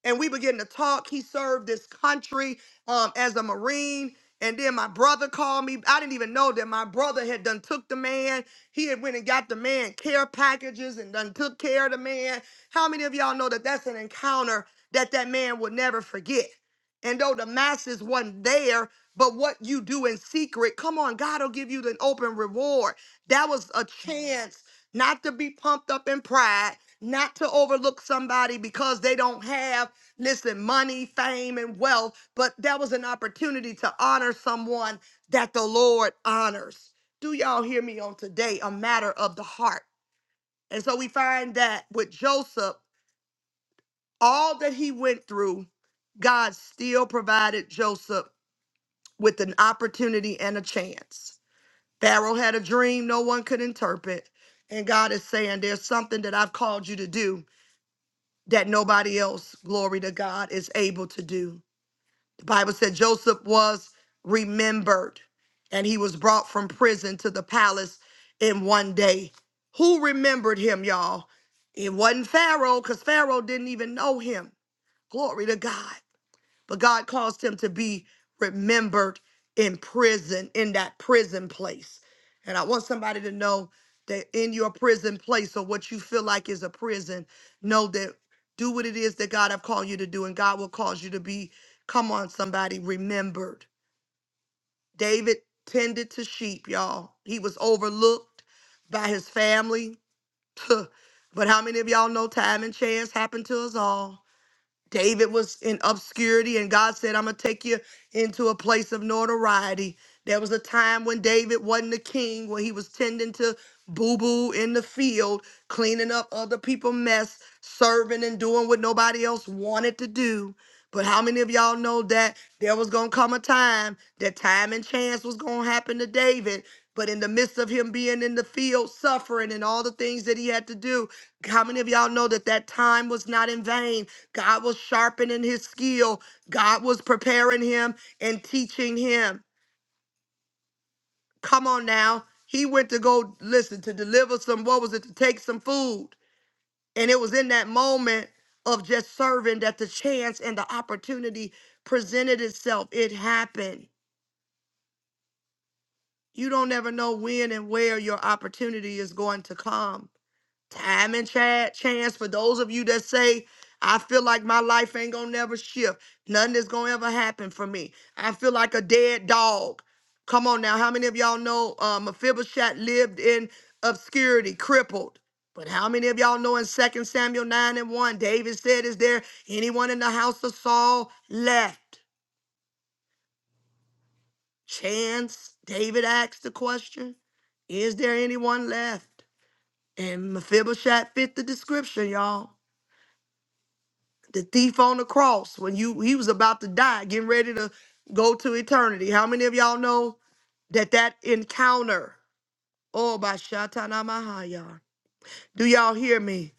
and we began to talk. He served this country um, as a Marine. And then my brother called me. I didn't even know that my brother had done took the man. He had went and got the man care packages and done took care of the man. How many of y'all know that that's an encounter that that man would never forget? And though the masses wasn't there, but what you do in secret, come on, God will give you an open reward. That was a chance not to be pumped up in pride, not to overlook somebody because they don't have listen, money, fame, and wealth, but that was an opportunity to honor someone that the Lord honors. Do y'all hear me on today? A matter of the heart. And so we find that with Joseph, all that he went through, God still provided Joseph with an opportunity and a chance. Pharaoh had a dream no one could interpret. And God is saying, There's something that I've called you to do that nobody else, glory to God, is able to do. The Bible said Joseph was remembered and he was brought from prison to the palace in one day. Who remembered him, y'all? It wasn't Pharaoh because Pharaoh didn't even know him. Glory to God. But God caused him to be remembered in prison, in that prison place. And I want somebody to know that in your prison place or what you feel like is a prison, know that do what it is that God have called you to do, and God will cause you to be, come on, somebody, remembered. David tended to sheep, y'all. He was overlooked by his family. (laughs) But how many of y'all know time and chance happened to us all? David was in obscurity, and God said, I'm going to take you into a place of notoriety. There was a time when David wasn't a king, when he was tending to boo boo in the field, cleaning up other people's mess, serving and doing what nobody else wanted to do. But how many of y'all know that there was going to come a time that time and chance was going to happen to David? But in the midst of him being in the field, suffering and all the things that he had to do, how many of y'all know that that time was not in vain? God was sharpening his skill. God was preparing him and teaching him. Come on now. He went to go, listen, to deliver some, what was it, to take some food. And it was in that moment of just serving that the chance and the opportunity presented itself. It happened. You don't ever know when and where your opportunity is going to come. time and cha- chance for those of you that say i feel like my life ain't gonna never shift nothing is gonna ever happen for me i feel like a dead dog come on now how many of y'all know uh, mephibosheth lived in obscurity crippled but how many of y'all know in Second samuel 9 and 1 david said is there anyone in the house of saul left chance david asked the question is there anyone left and mephibosheth fit the description y'all the thief on the cross when you he was about to die getting ready to go to eternity how many of y'all know that that encounter oh by Shatana Mahaya. do y'all hear me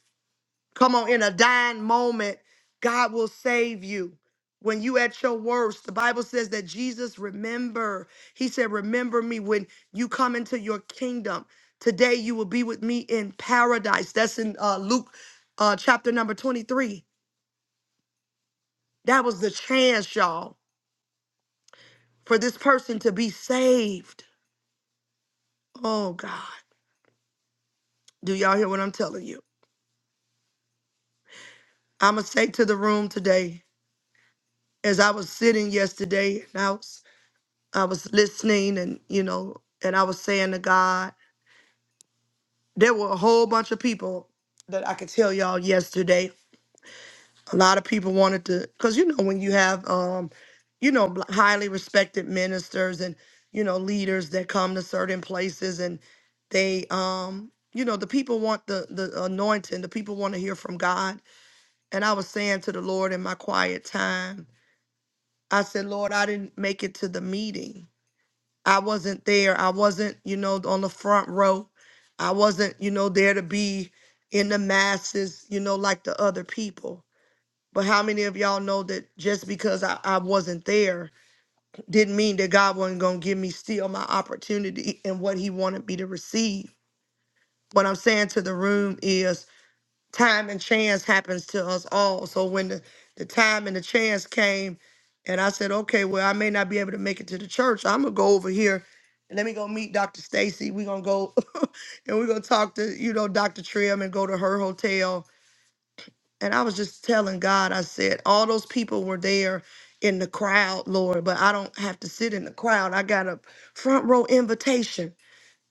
come on in a dying moment god will save you when you at your worst the bible says that jesus remember he said remember me when you come into your kingdom today you will be with me in paradise that's in uh, luke uh, chapter number 23 that was the chance y'all for this person to be saved. Oh God. Do y'all hear what I'm telling you? I'ma say to the room today, as I was sitting yesterday and I was I was listening and you know, and I was saying to God, there were a whole bunch of people that I could tell y'all yesterday a lot of people wanted to because you know when you have um you know bl- highly respected ministers and you know leaders that come to certain places and they um you know the people want the the anointing the people want to hear from god and i was saying to the lord in my quiet time i said lord i didn't make it to the meeting i wasn't there i wasn't you know on the front row i wasn't you know there to be in the masses you know like the other people but how many of y'all know that just because I, I wasn't there didn't mean that God wasn't going to give me still my opportunity and what he wanted me to receive? What I'm saying to the room is time and chance happens to us all. So when the, the time and the chance came and I said, okay, well, I may not be able to make it to the church. I'm going to go over here and let me go meet Dr. Stacy. We're going to go (laughs) and we're going to talk to, you know, Dr. Trim and go to her hotel and I was just telling God, I said, all those people were there in the crowd, Lord, but I don't have to sit in the crowd. I got a front row invitation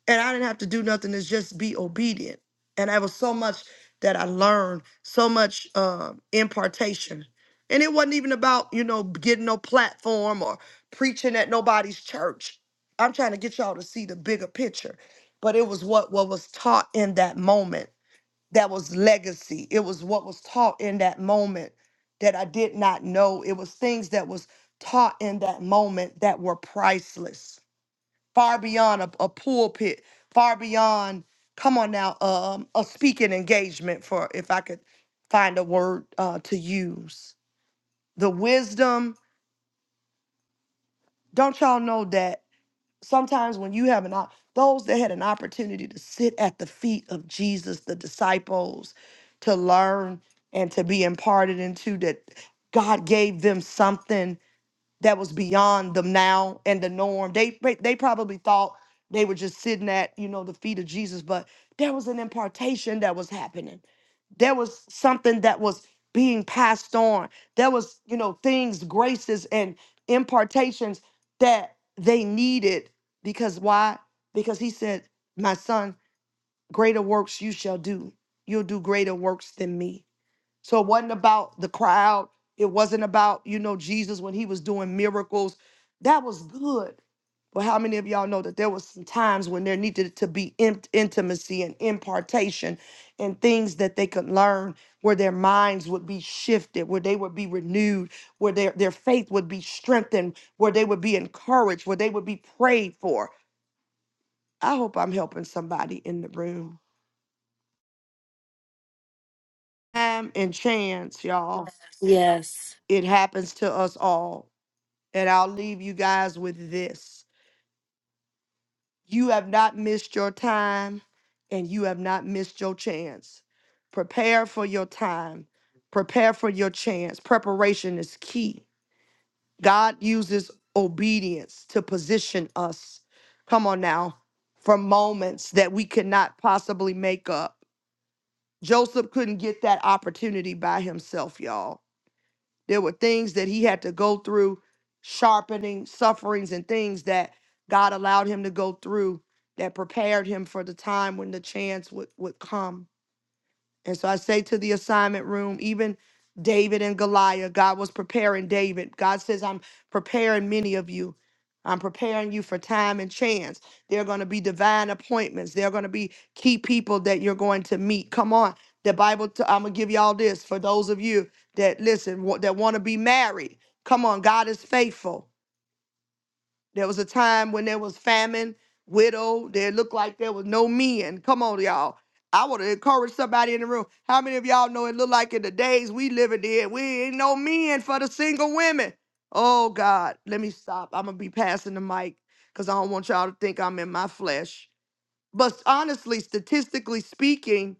and I didn't have to do nothing. It's just be obedient. And that was so much that I learned, so much uh, impartation. And it wasn't even about, you know, getting no platform or preaching at nobody's church. I'm trying to get y'all to see the bigger picture. But it was what, what was taught in that moment that was legacy. It was what was taught in that moment that I did not know. It was things that was taught in that moment that were priceless, far beyond a, a pulpit, far beyond. Come on now, um, a speaking engagement for if I could find a word uh, to use. The wisdom. Don't y'all know that? sometimes when you have an op- those that had an opportunity to sit at the feet of Jesus, the disciples, to learn and to be imparted into that God gave them something that was beyond them now and the norm. They pr- they probably thought they were just sitting at you know the feet of Jesus, but there was an impartation that was happening. There was something that was being passed on. There was you know things, graces, and impartations that they needed because why? Because he said, "My son, greater works you shall do. You'll do greater works than me." So it wasn't about the crowd. It wasn't about, you know, Jesus when he was doing miracles. That was good. But how many of y'all know that there was some times when there needed to be in- intimacy and impartation and things that they could learn where their minds would be shifted, where they would be renewed, where their, their faith would be strengthened, where they would be encouraged, where they would be prayed for. I hope I'm helping somebody in the room. Time and chance, y'all. Yes. It happens to us all And I'll leave you guys with this. You have not missed your time and you have not missed your chance. Prepare for your time, prepare for your chance. Preparation is key. God uses obedience to position us. Come on now, for moments that we could not possibly make up. Joseph couldn't get that opportunity by himself, y'all. There were things that he had to go through, sharpening, sufferings, and things that God allowed him to go through that prepared him for the time when the chance would, would come. And so I say to the assignment room, even David and Goliath, God was preparing David. God says, I'm preparing many of you. I'm preparing you for time and chance. There are going to be divine appointments. There are going to be key people that you're going to meet. Come on. The Bible, t- I'm going to give you all this for those of you that listen, wa- that want to be married. Come on. God is faithful. There was a time when there was famine, widow. There looked like there was no men. Come on, y'all. I would have encouraged somebody in the room. How many of y'all know it looked like in the days we living in, we ain't no men for the single women? Oh God, let me stop. I'm gonna be passing the mic because I don't want y'all to think I'm in my flesh. But honestly, statistically speaking,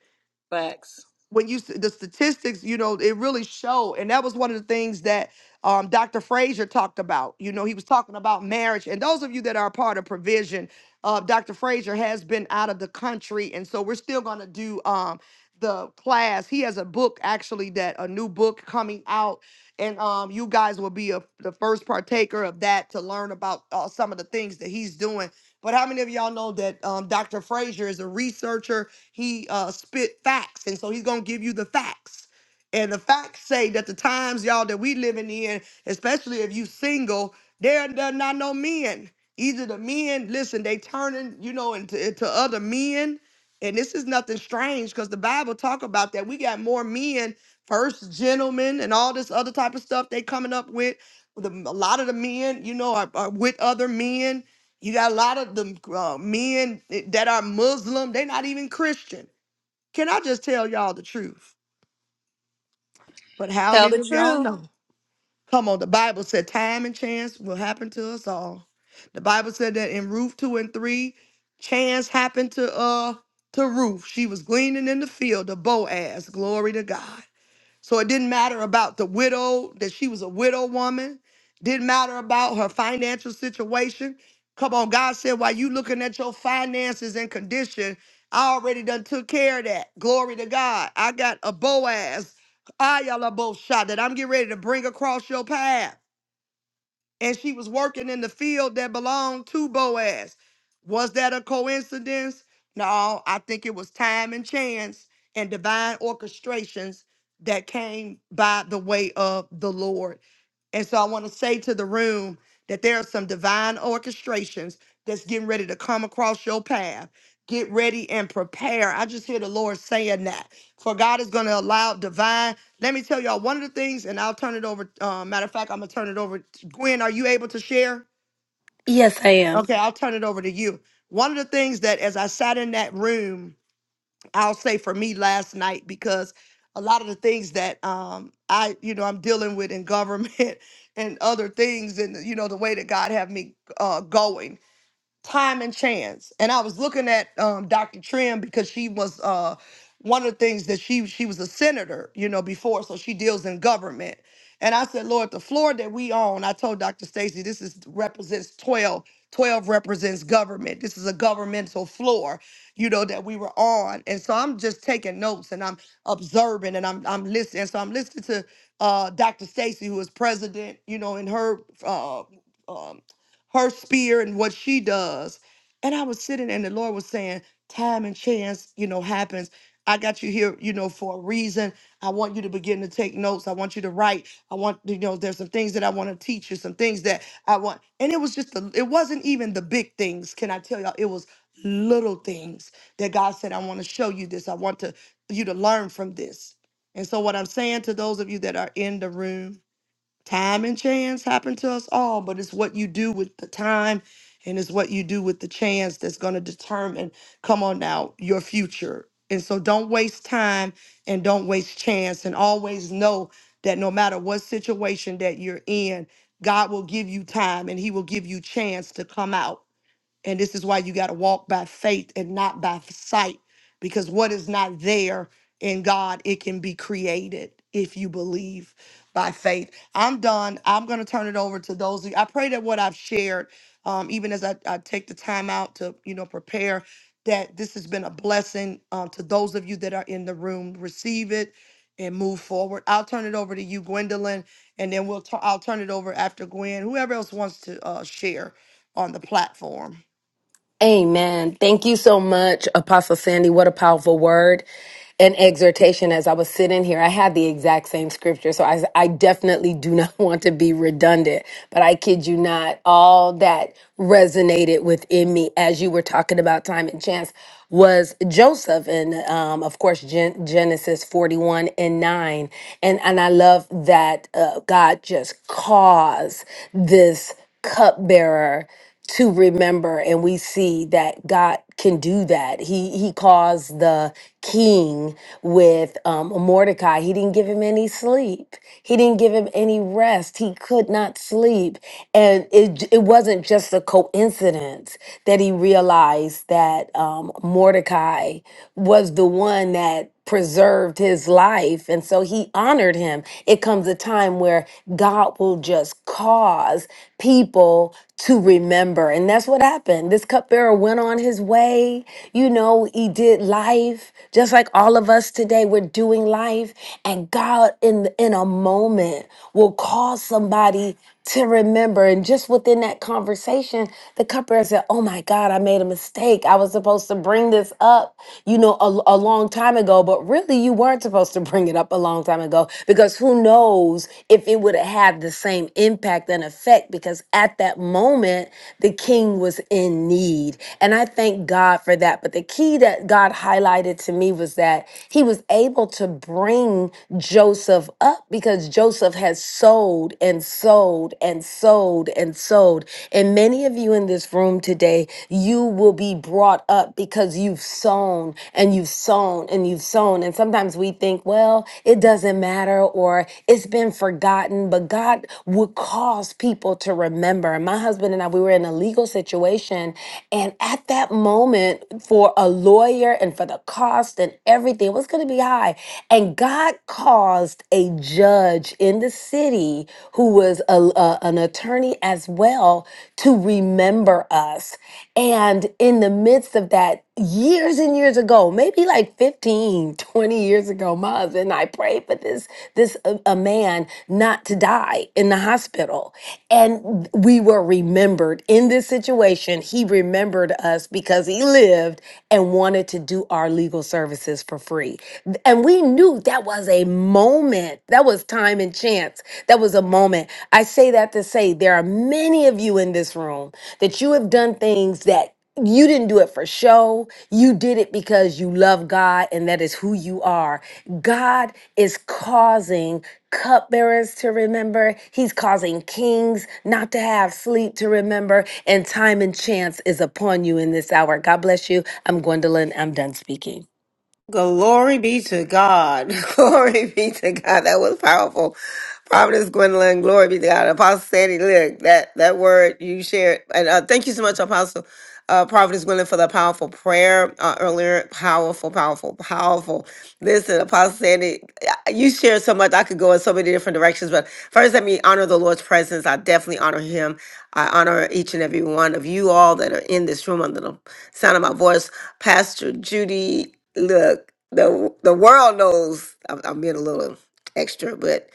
Facts. when you s- the statistics, you know, it really showed, and that was one of the things that um, Dr. Frazier talked about. You know, he was talking about marriage, and those of you that are a part of Provision, uh, Dr. Frazier has been out of the country, and so we're still going to do um, the class. He has a book actually that a new book coming out, and um, you guys will be a, the first partaker of that to learn about uh, some of the things that he's doing. But how many of y'all know that um, Dr. Frazier is a researcher? he uh, spit facts, and so he's gonna give you the facts. And the facts say that the times y'all that we living in, especially if you single, there there not no men. Either the men, listen, they turning, you know, into, into other men. And this is nothing strange because the Bible talk about that. We got more men, first gentlemen, and all this other type of stuff they coming up with. The, a lot of the men, you know, are, are with other men you got a lot of the uh, men that are Muslim. They're not even Christian. Can I just tell y'all the truth? But how Tell many the of y'all truth. know? Come on, the Bible said time and chance will happen to us all. The Bible said that in Ruth two and three, chance happened to uh to Ruth. She was gleaning in the field of Boaz. Glory to God. So it didn't matter about the widow, that she was a widow woman. Didn't matter about her financial situation. Come on, God said, while you looking at your finances and condition, I already done took care of that. Glory to God. I got a Boaz, Ayala Boshah, that I'm getting ready to bring across your path and she was working in the field that belonged to Boaz. Was that a coincidence? No, I think it was time and chance and divine orchestrations that came by the way of the Lord. And so I want to say to the room that there are some divine orchestrations that's getting ready to come across your path. Get ready and prepare. I just hear the Lord saying that. For God is going to allow divine. Let me tell y'all one of the things, and I'll turn it over. Uh, matter of fact, I'm going to turn it over Gwen, are you able to share? Yes, I am. Okay, I'll turn it over to you. One of the things that, as I sat in that room, I'll say for me last night, because a lot of the things that um, I, you know, I'm dealing with in government (laughs) and other things, and you know, the way that God have me uh, going time and chance. And I was looking at um, Dr. Trim because she was uh, one of the things that she she was a senator, you know, before, so she deals in government. And I said, Lord, the floor that we own, I told Dr. Stacy, this is represents 12. 12 represents government. This is a governmental floor, you know, that we were on. And so I'm just taking notes and I'm observing and I'm I'm listening. So I'm listening to uh, Dr. Stacy, who is president, you know, in her uh, um, her spear and what she does. And I was sitting there and the Lord was saying, time and chance, you know, happens. I got you here, you know, for a reason. I want you to begin to take notes. I want you to write. I want, you know, there's some things that I want to teach you, some things that I want. And it was just, the, it wasn't even the big things. Can I tell y'all? It was little things that God said, I want to show you this. I want to you to learn from this. And so what I'm saying to those of you that are in the room, Time and chance happen to us all, but it's what you do with the time and it's what you do with the chance that's going to determine, come on now, your future. And so don't waste time and don't waste chance and always know that no matter what situation that you're in, God will give you time and he will give you chance to come out and this is why you got to walk by faith and not by sight, because what is not there in God, it can be created if you believe by faith. I'm done. I'm going to turn it over to those. Of you. I pray that what I've shared, um, even as I, I take the time out to, you know, prepare, that this has been a blessing um, to those of you that are in the room. Receive it and move forward. I'll turn it over to you, Gwendolyn, and then we'll. i will turn it over after Gwen. Whoever else wants to uh, share on the platform. Amen. Thank you so much, Apostle Sandy. What a powerful word and exhortation. As I was sitting here, I had the exact same scripture. So I, I definitely do not (laughs) want to be redundant, but I kid you not, all that resonated within me as you were talking about time and chance was Joseph. And um, of course, Gen- Genesis 41 and 9. And, and I love that uh, God just caused this. cupbearer to remember and we see that god can do that he he caused the king with um, mordecai he didn't give him any sleep he didn't give him any rest he could not sleep and it, j- it wasn't just a coincidence that he realized that um, mordecai was the one that preserved his life and so he honored him time. It comes a time where God will just cause people to remember. And that's what happened. This cupbearer went on his way. You know, he did life just like all of us today. We're doing life. And God, in, in a moment, will cause somebody to remember. And just within that conversation, the cupbearer said, Oh my God, I made a mistake. I was supposed to bring this up, you know, a a, a long time ago, but really you weren't supposed to bring it up a long time ago because who knows if it would have had the same impact and effect because at that moment the king was in need. And I thank God for that. But the key that God highlighted to me was that he was able to bring Joseph up because Joseph has sold and sold and sold and sold. And many of you in this room today, today, you will be brought up because you've sown and you've sown and you've sown. And sometimes we think, well, it doesn't matter or it's been forgotten, but God would cause people to remember. My husband and I, we were in a legal situation. And at that moment, for a lawyer and for the cost and everything, it was going to be high. And God caused a judge in the city who was was a, a- an attorney as well, to remember us. And in the midst of that, years and years ago, maybe like 15, 20 years ago, my husband and I prayed for this, this uh, a man not to die in the hospital. And we were remembered in this situation. He remembered us because he lived and wanted to do our legal services for free. And we knew knew that was a moment. That was time and chance. That was a moment. I say that to say there are many of you in this room that you have done things that you didn't do it for show. You did it because you love God and that is who you are. God is causing cupbearers to remember. He's causing kings not to have sleep to remember. And time and chance is upon you in this hour. God bless you. I'm Gwendolyn. I'm done speaking. Glory be to God. (laughs) Powerful. Providence, Gwendolyn, glory be to God. Apostle Sandy, look, that, that word you shared. And uh, thank you so much, Apostle uh, Providence Gwendolyn, for the powerful prayer uh, earlier. Powerful, powerful, powerful. Listen, Apostle Sandy, uh, you shared so much. I could go in so many different directions. But first, let me honor the Lord's presence. I definitely honor him. I honor each and every one of you all that are in this room under the sound of my voice. Pastor Judy, look, the, the world knows I'm I'm being a little extra, but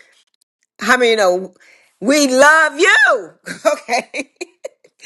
how many know we love you. (laughs) Okay.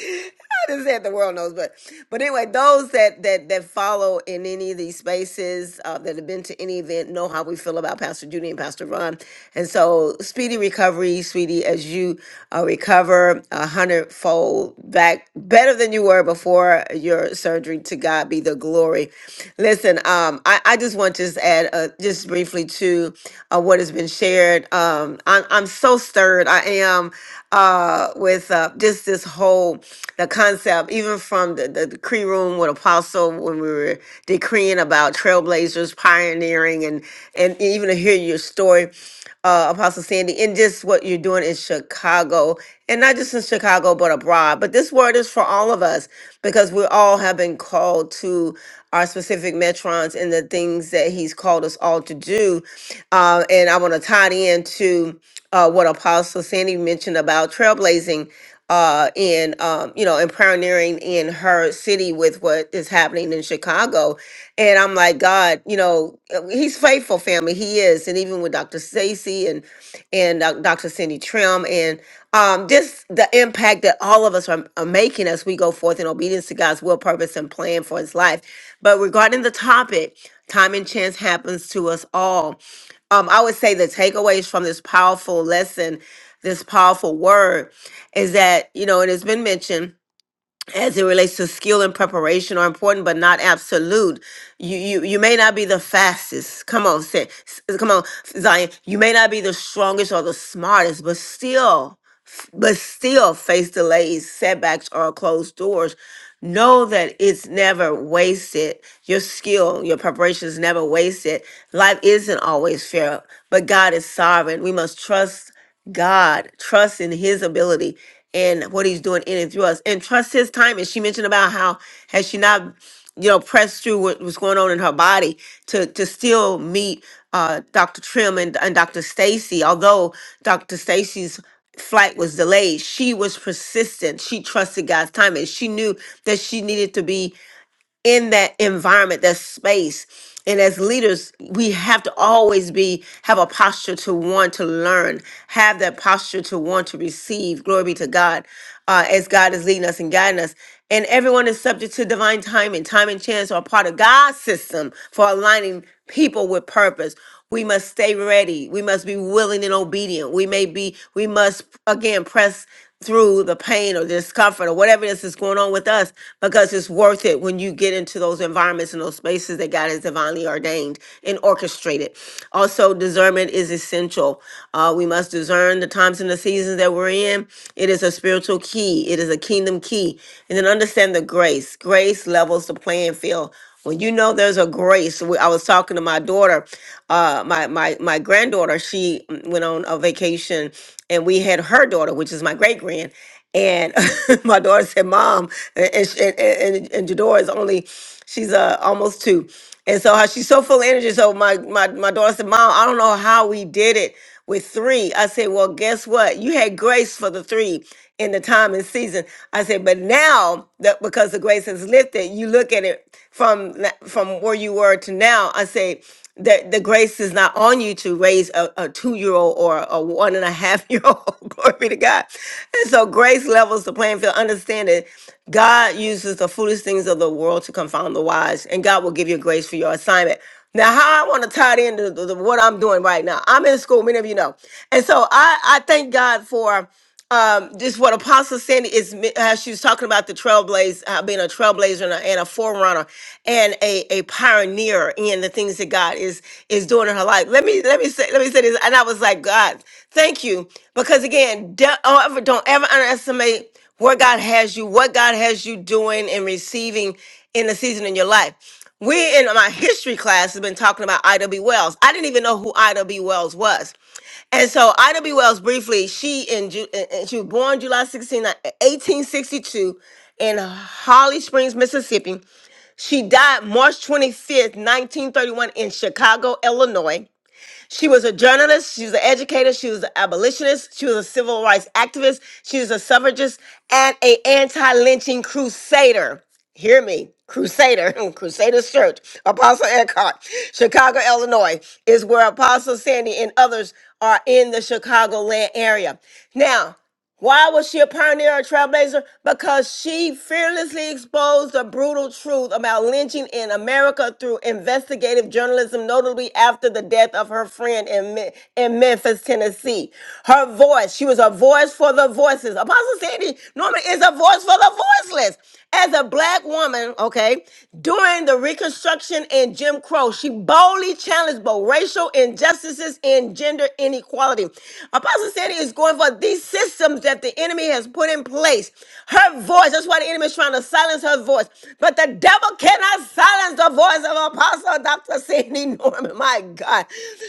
I just said the world knows, but but anyway, those that that that follow in any of these spaces uh, that have been to any event know how we feel about Pastor Judy and Pastor Ron, and so speedy recovery, sweetie, as you uh, recover a hundredfold back better than you were before your surgery. To God be the glory. Listen, um, I I just want to just add uh, just briefly to uh, what has been shared. Um, I'm, I'm so stirred. I am uh, with uh, just this whole the concept, even from the, the decree room with Apostle when we were decreeing about trailblazers, pioneering, and and even to hear your story, uh, Apostle Sandy, and just what you're doing in Chicago, and not just in Chicago but abroad. But this word is for all of us because we all have been called to our specific metrons and the things that He's called us all to do uh, and I want to tie it into uh, what Apostle Sandy mentioned about trailblazing uh, in, um, you know, and pioneering in her city with what is happening in Chicago. And I'm like, God, you know, uh, he's faithful, family. He is. And even with Dr. Stacy and, and uh, Dr. Cindy Trim and um, just the impact that all of us are, are making as we go forth in obedience to God's will, purpose, and plan for his life. But regarding the topic, time and chance happens to us all um, I would say the takeaways from this powerful lesson, this powerful word, is that, you know, it has been mentioned as it relates to skill and preparation are important but not absolute you you you may not be the fastest come on say, come on zion you may not be the strongest or the smartest but still but still face delays setbacks or closed doors know that it's never wasted your skill your preparation is never wasted life isn't always fair but god is sovereign we must trust God, trust in his ability and what he's doing in and through us and trust his timing. She mentioned about how has she not, you know, pressed through what was going on in her body to to still meet uh, Dr. Trim and, and Dr. Stacy. Although Dr. Stacy's flight was delayed, she was persistent. She trusted God's timing. She knew that she needed to be in that environment, that space. And as leaders, we have to always be have a posture to want to learn, have that posture to want to receive. Glory be to God, uh, as God is leading us and guiding us. And everyone is subject to divine timing. Time and chance are part of God's system for aligning people with purpose. We must stay ready. We must be willing and obedient. We may be, we must again press through the pain or discomfort or whatever this is going on with us because it's worth it when you get into those environments and those spaces that God has divinely ordained and orchestrated. Also, discernment is essential. Uh, we must discern the times and the seasons that we're in. It is a spiritual key, it is a kingdom key. And then understand the grace. Grace levels the playing field when you know there's a grace, we- I was talking to my daughter, uh, my my my granddaughter. She mm, went on a vacation, and we had her daughter, which is my great grand. And (laughs) my daughter said, "Mom," and and she- and, and, and Jadora is only she's uh almost two, and so how she's so full of energy. So my my my daughter said, "Mom, I don't know how we did it with three." I said, "Well, guess what? You had grace for the three in the time and season." I said, "But now that because the grace has lifted, you look at it from na- from where you were to now." I said that the grace is not on you to raise a, a two-year-old or a one and a half year old (laughs) glory be to god and so grace levels the playing field understand that god uses the foolish things of the world to confound the wise and god will give you grace for your assignment now how i want to tie it into the, the- what i'm doing right now i'm in school many of you know and so i i thank god for um, just what Apostle Sandy is mi- how she was talking about the trailblaze, uh, being a trailblazer and a, and a forerunner and a, a pioneer in the things that God is is doing in her life. Let me let me say let me say this, and I was like, God, thank you, because again, don't ever, don't ever underestimate where God has you, what God has you doing and receiving in the season in your life. We in my history class have been talking about Ida B. Wells. I didn't even know who Ida B. Wells was. And so Ida B. Wells, briefly, she in Ju- and and she was born July 16, 1862 in Holly Springs, Mississippi. She died March 25th, 1931 in Chicago, Illinois. She was a journalist, she was an educator, she was an abolitionist, she was a civil rights activist, she was a suffragist, and a anti-lynching crusader. Hear me, Crusader, (laughs) Crusaders Church, Apostle Eckhart, Chicago, Illinois, is where Apostle Sandy and others are in the Chicagoland area. Now, why was she a pioneer and trailblazer? Because she fearlessly exposed the brutal truth about lynching in America through investigative journalism, notably after the death of her friend in, Me- in Memphis, Tennessee. Her voice, she was a voice for the voices. Apostle Sandy Norman is a voice for the voiceless. As a black woman, okay, during the Reconstruction and Jim Crow, she boldly challenged both racial injustices and gender inequality. Apostle Sandy is going for these systems that the enemy has put in place. Her voice, that's why the enemy is trying to silence her voice. But the devil cannot silence the voice of Apostle Dr. Sandy (laughs) Norman. My God.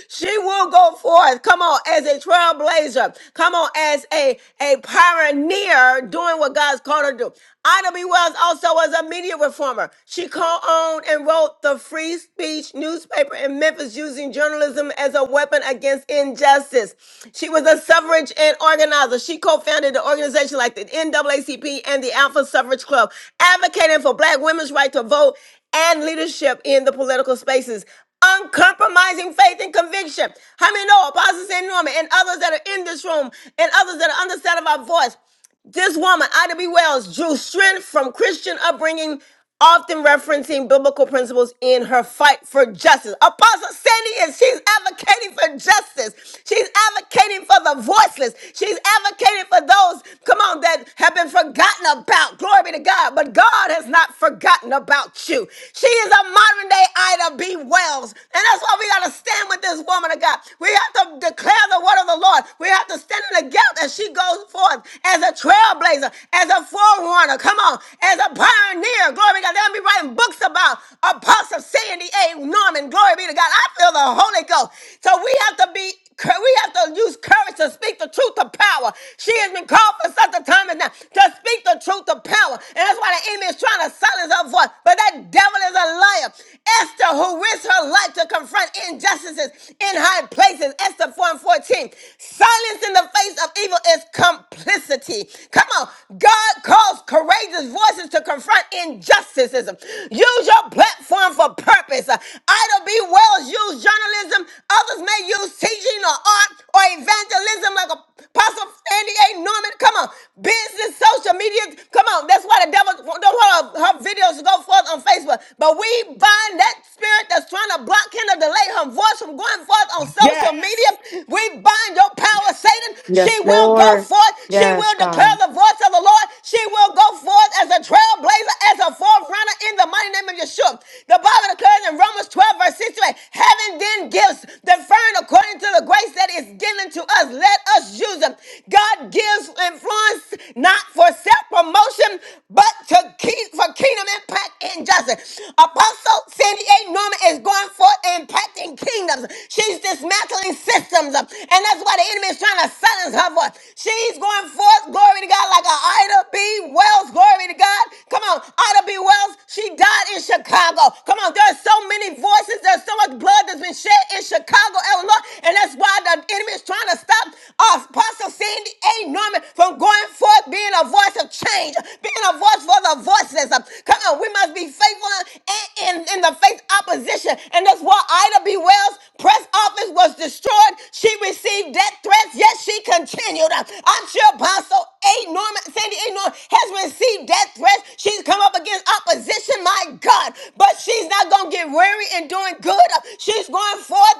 She will go forth. Come on, as a trailblazer. Come on, as a, a pioneer doing what what God's called her to do. Ida B. Wells also was a media reformer. She co-owned and wrote the Free Speech newspaper in Memphis using journalism as a weapon against injustice. She was a suffrage and organizer. She co-founded the organization like the NAACP and the Alpha Suffrage Club, advocating for black women's right to vote and leadership in the political spaces uncompromising faith and conviction. How many know Apostle St. Norman and others that are in this room and others that are on the side of our voice? This woman, Ida B. Wells, drew strength from Christian upbringing, often referencing biblical principles in her fight for justice. Apostle Sandy is, she's advocating for justice. She's advocating for the voiceless. She's advocating for those, come on, that have been forgotten about. Glory be to God. But God has not forgotten about you. She is a modern day Ida B. Wells. And that's why we got to stand with this woman of God. We have to declare the word of the Lord. We have to stand in together as she goes forth as a trailblazer, as a forerunner. Come on, as a pioneer. Glory be to God. They'll be writing books about Apostle Sandy A. Norman. Glory be to God. I feel the Holy Ghost. So we have to be Cou- we have to use courage to speak the truth to power. She has been called for such a time as now to speak the truth to power. And that's why the enemy is trying to silence her voice. But that devil is a liar. Esther, who risked her life to confront injustices in high places, Esther 4 and 14, 14. Silence in the face of evil is complicity. Come on. God calls courageous voices to confront injustices. Use your platform for purpose. Ida B. Wells used journalism. Others may use teaching or art or evangelism like Apostle Sandy A. Norman. Come on. Business, social media. Come on. That's why the devil don't want her, her videos to go forth on Facebook. But we bind that spirit that's trying to block him or delay her voice from going forth come forth on social Yes. media. We bind your power, Satan. She Yes, will go Lord. forth. She Yes, will declare God. the voice of the Lord. She will go forth as a trailblazer, as a forerunner in the mighty name of Yeshua. The Bible declares in Romans 12, verse 68, having then gifts different according to the grace that is given to us, let us use them. God gives influence not for self-promotion, but to keep for kingdom impact and justice. Apostle Sandy A. Norman is going forth forth and impacting kingdoms. She's dismantling systems. And that's why the enemy is trying to silence her voice. She's going forth, glory to God, like a Ida B. Wells, glory to God. Come on, Ida B. Wells, she died in Chicago. Come on, there's so many voices, there's so much blood that's been shed in Chicago, Illinois, and that's why the enemy is trying to stop uh, Apostle Sandy A. Norman from going forth, being a voice of change, being a voice for the voiceless. Come on, we must be faithful and in, in the face opposition. And that's why Ida B. Wells' press office was destroyed. She received death threats, yet she continued. I'm sure Apostle A. Norman, Sandy A. Norman has received death threats. She's come up against opposition, my God. But she's not going to get weary in doing good. She's going forth.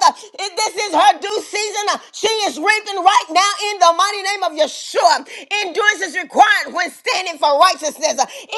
This is her due season. She is reaping right now in the mighty name of Yeshua. Endurance is required when standing for righteousness.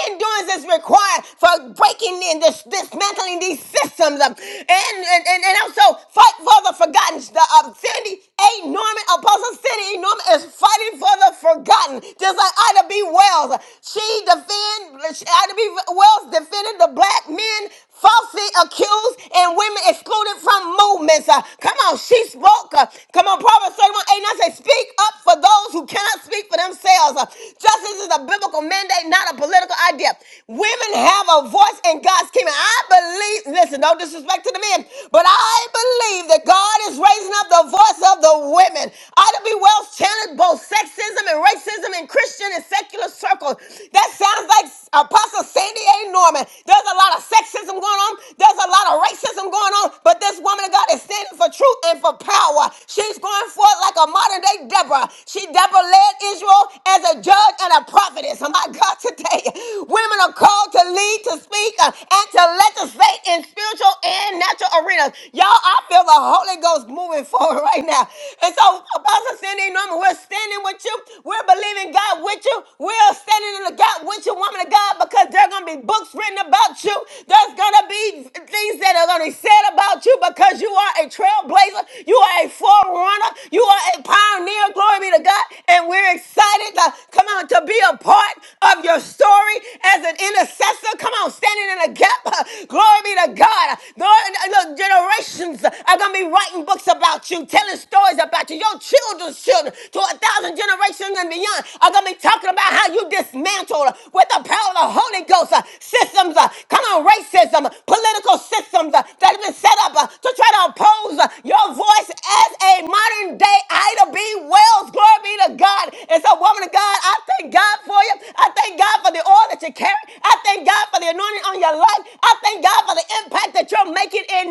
Endurance is required for breaking in, this, dismantling these systems. um, And, and, and, and also fight for the forgotten. The, uh, Cindy A. Norman, Apostle Cindy A. Norman is fighting for the forgotten. Just like Ida B. Wells. She defend, she- Ida B. Wells defended the black men falsely accused and women excluded from movements. Uh, come on, she spoke. Uh, come on, Proverbs 31, 8, and I say, speak up for those who cannot speak for themselves. Uh, justice is a biblical mandate, not a a political idea. Women have a voice in God's kingdom. I believe, listen, no disrespect to the men, but I believe that God is raising up the voice of the women. Ida B. Wells challenged both sexism and racism in Christian and secular circles. That sounds like Apostle Sandy A. Norman. There's a lot of sexism going on, there's a lot of racism going on, but this woman of God is standing for truth and for power. She's going forth like a modern day Deborah. She Deborah led Israel as a judge judge and a prophetess. Oh, my God, today, women are called to lead, to speak, uh, and to legislate in spiritual and natural arenas. Y'all, I feel the Holy Ghost moving (laughs) forward right now. And so, Apostle Cindy Norman, we're standing with you. We're believing God with you. We're standing in the gap with you, woman of God, because there are going to be books written about you. There's going to be things that are going to be said about you because you are a trailblazer. You are a forerunner. You are a pioneer. Glory be to God and we're excited to come on to be a part of your story as an intercessor. Come on, standing in a gap. (laughs) Glory be to God. Lord, look, generations are gonna be writing books about you, telling stories about you. Your children's children to a thousand generations and beyond are gonna be ain't talking about how you dismantled with the power of the Holy Ghost uh, systems. uh, Come on, racism, political systems uh, that have been set up uh, to try to oppose uh, your voice as a modern day Ida B. Wells. Glory be to God. And so, woman of God, I thank God for you. I thank God for the oil that you carry. I thank God for the anointing on your life. I thank God for the impact impact that you're making in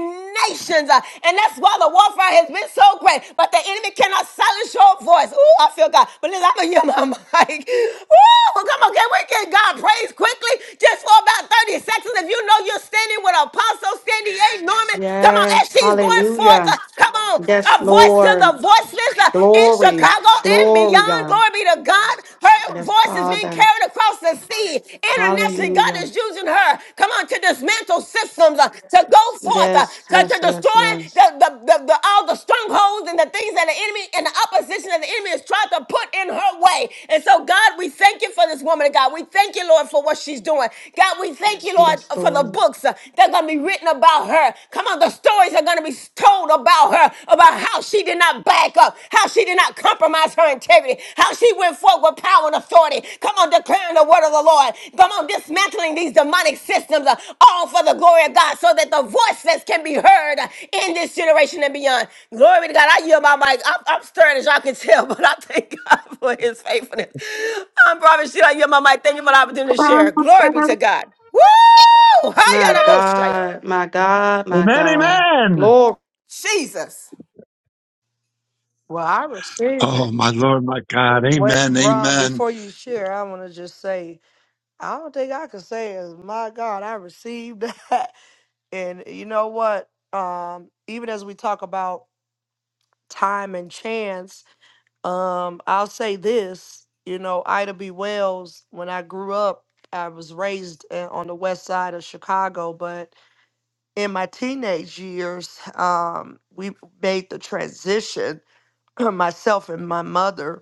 nations. Uh, And that's why the warfare has been so great. But the enemy cannot silence your voice. Ooh, I feel God. But listen, I'm going to hear my (laughs) mic. Ooh, come on. Can we give God praise quickly? Just for about 30 seconds. If you know you're standing with Apostle Sandy A. Norman, come on. As Yes. she's going forth, Hallelujah. uh, come on. Yes, A voice to to Lord. the voiceless uh, in Glory. Chicago and Glory, beyond. God. Glory be to God. Her Yes, voice is being Father. carried across the sea. Internationally, God Hallelujah. is using her. Come on, to dismantle systems, uh, to go forth, uh, Yes, to, yes, to yes, destroy the, yes. the, the, the- all the strongholds and the things that that the enemy and the opposition that the enemy is trying to put in her way. And so, God, we thank you for this woman of God. We thank you, Lord, for what she's doing. God, we thank you, Lord, Yes, for the Lord. books uh, that are going to be written about her. Come on, the stories are going to be told about her, about how she did not back up, how she did not compromise her integrity, how she went forward with power and authority. Come on, declaring the word of the Lord. Come on, dismantling these demonic systems, uh, all for the glory of God, so that the voiceless can be heard uh, in this generation and beyond. Glory to God. I yield my mic. I'm, I'm stirred as y'all can tell, (laughs) but I thank God for his faithfulness. I'm Prophet Sheila. I yield my mic. Thank you for the opportunity to share. Glory be to God. Woo! My Hayanaboshaya. God, my God, my Amen. God. Amen. Glory. Jesus. Well, I receive Oh, it. my Lord, my God. What, Amen. Ron, Amen. before you share, I want to just say, I don't think I could say as my God, I received that. (laughs) And you know what? Um, even as we talk about time and chance, um, I'll say this, you know, Ida B. Wells, when I grew up, I was raised uh, on the west side of Chicago, but in my teenage years, um, we made the transition, (clears throat) myself and my mother,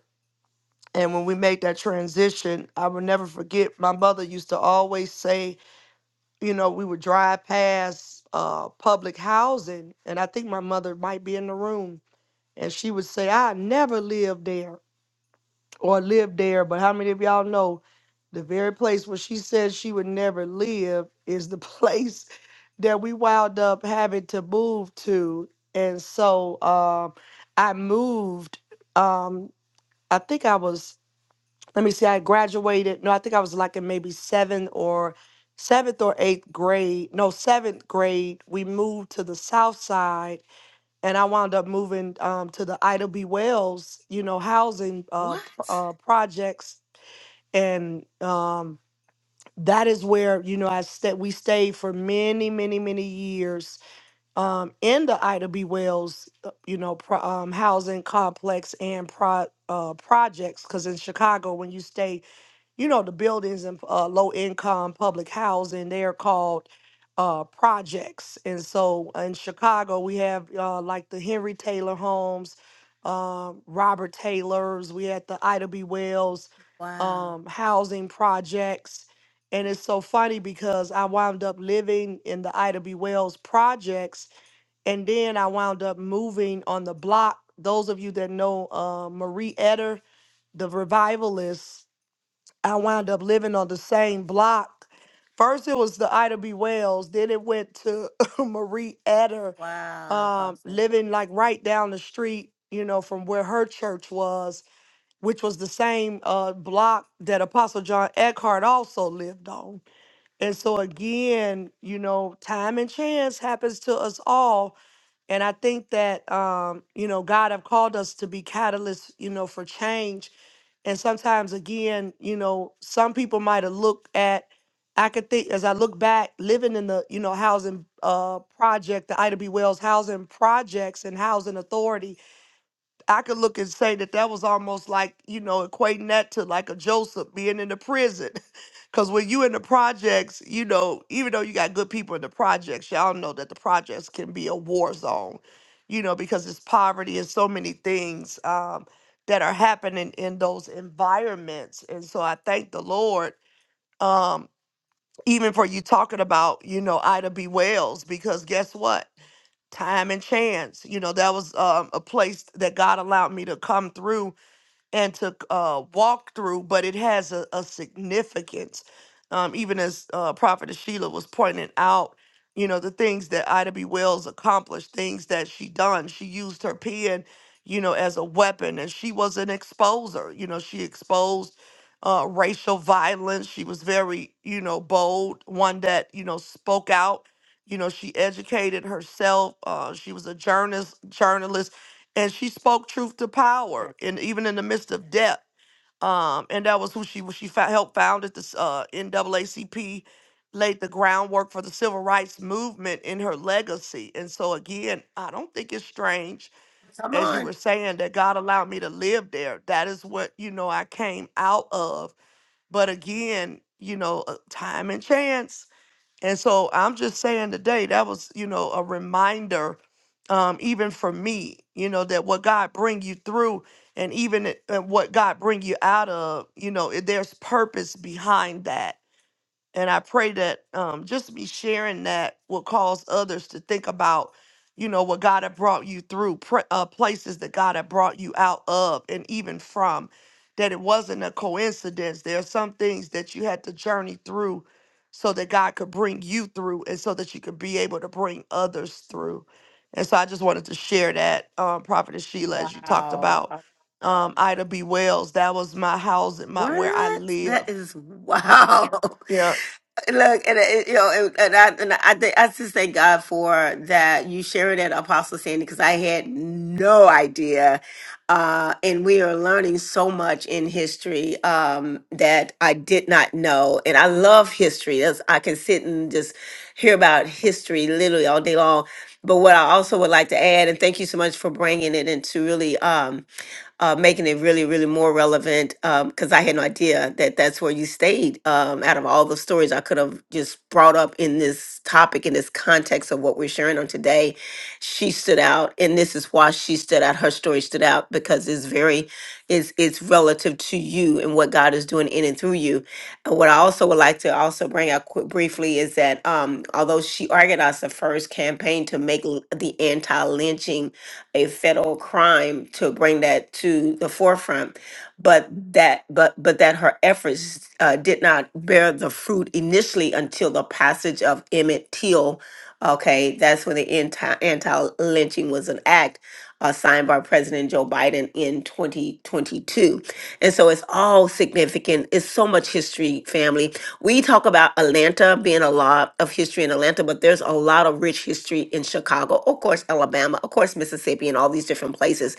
And when we made that transition, I will never forget. My mother used to always say, you know, we would drive past uh, public housing, and I think my mother might be in the room, and she would say, "I never lived there or lived there." But how many of y'all know the very place where she said she would never live is the (laughs) place that we wound up having to move to, and so um, I moved. Um, I think I was let me see, I graduated. No, I think I was like in maybe seventh or seventh or eighth grade. No, seventh grade. We moved to the south side, and I wound up moving um, to the Ida B. Wells, you know, housing uh, What? p- uh, projects, and um, that is where you know I sta We stayed for many, many, many years um, in the Ida B. Wells, uh, you know, pro- um, housing complex and pro- uh, projects. Because in Chicago, when you stay you know, the buildings in uh, low income public housing, they're called uh, projects. And so uh, in Chicago, we have uh, like the Henry Taylor homes, um, Robert Taylor's, we had the Ida B. Wells Wow. um, housing projects. And it's so funny because I wound up living in the Ida B. Wells projects and then I wound up moving on the block. Those of you that know uh, Marie Eder, the revivalist, I wound up living on the same block. First, it was the Ida B. Wells. Then it went to (laughs) Marie Eder, Wow, um, Apostle. living like right down the street, you know, from where her church was, which was the same uh, block that Apostle John Eckhart also lived on. And so, again, you know, time and chance happens to us all and I think that um, you know, God have called us to be catalysts, you know, for change. And sometimes again, you know, some people might have looked at I could think as I look back, living in the, you know, housing uh project, the Ida B. Wells housing projects and housing authority I could look and say that that was almost like, you know, equating that to like a Joseph being in the prison. (laughs) Because when you in the projects, you know, even though you got good people in the projects, y'all know that the projects can be a war zone, you know, because it's poverty and so many things um, that are happening in those environments. And so I thank the Lord, um, even for you talking about, you know, Ida B. Wells, because guess what? time and chance. You know, that was um, a place that God allowed me to come through and to uh, walk through, but it has a, a significance. Um, even as uh, Prophet Sheila was pointing out, you know, the things that Ida B. Wells accomplished, things that she done. She used her pen, you know, as a weapon, and she was an exposer. You know, she exposed uh, racial violence. She was very, you know, bold, one that, you know, spoke out. You know, she educated herself. Uh, she was a journalist, journalist and she spoke truth to power Yes. and even in the midst of death um and that was who she was she fo- helped founded this uh naacp laid the groundwork for the civil rights movement in her legacy and so again i don't think it's strange Come as you on. were saying that god allowed me to live there that is what you know i came out of but again you know uh, time and chance and so I'm just saying today that was, you know, a reminder, um, even for me, you know, that what God bring you through, and even it- and what God bring you out of, you know, it- there's purpose behind that and I pray that um, just me sharing that will cause others to think about, you know, what God had brought you through, pr- uh, places that God had brought you out of and even from, that it wasn't a coincidence. There are some things that you had to journey through so that God could bring you through and so that you could be able to bring others through. And so I just wanted to share that, um, Prophetess Sheila, as you talked Wow. about um, Ida B. Wells. That was my house and my where I What? That lived is wow. (laughs) Look, and it, you know, and, and I and I think I just thank God for that you sharing that Apostle Sandy because I had no idea, uh, and we are learning so much in history um, that I did not know, and I love history. That's, I can sit and just hear about history literally all day long. But what I also would like to add, and thank you so much for bringing it into really. Um, uh, making it really, really more relevant because I had no idea that that's where you stayed. Um, out of all the stories I could have just brought up in this topic, in this context of what we're sharing on today, she stood out, and this is why she stood out. Her story stood out because it's very, it's it's relative to you and what God is doing in and through you. And what I also would like to also bring out quick, briefly is that um, although she organized the first campaign to make l- the anti-lynching a federal crime to bring that to the forefront but that but but that her efforts uh, did not bear the fruit initially until the passage of Emmett Till okay that's when the anti anti lynching was an act uh, signed by President Joe Biden in 2022 and so it's all significant it's so much history family we talk about Atlanta being a lot of history in Atlanta, but there's a lot of rich history in Chicago, of course, Alabama, of course, Mississippi, and all these different places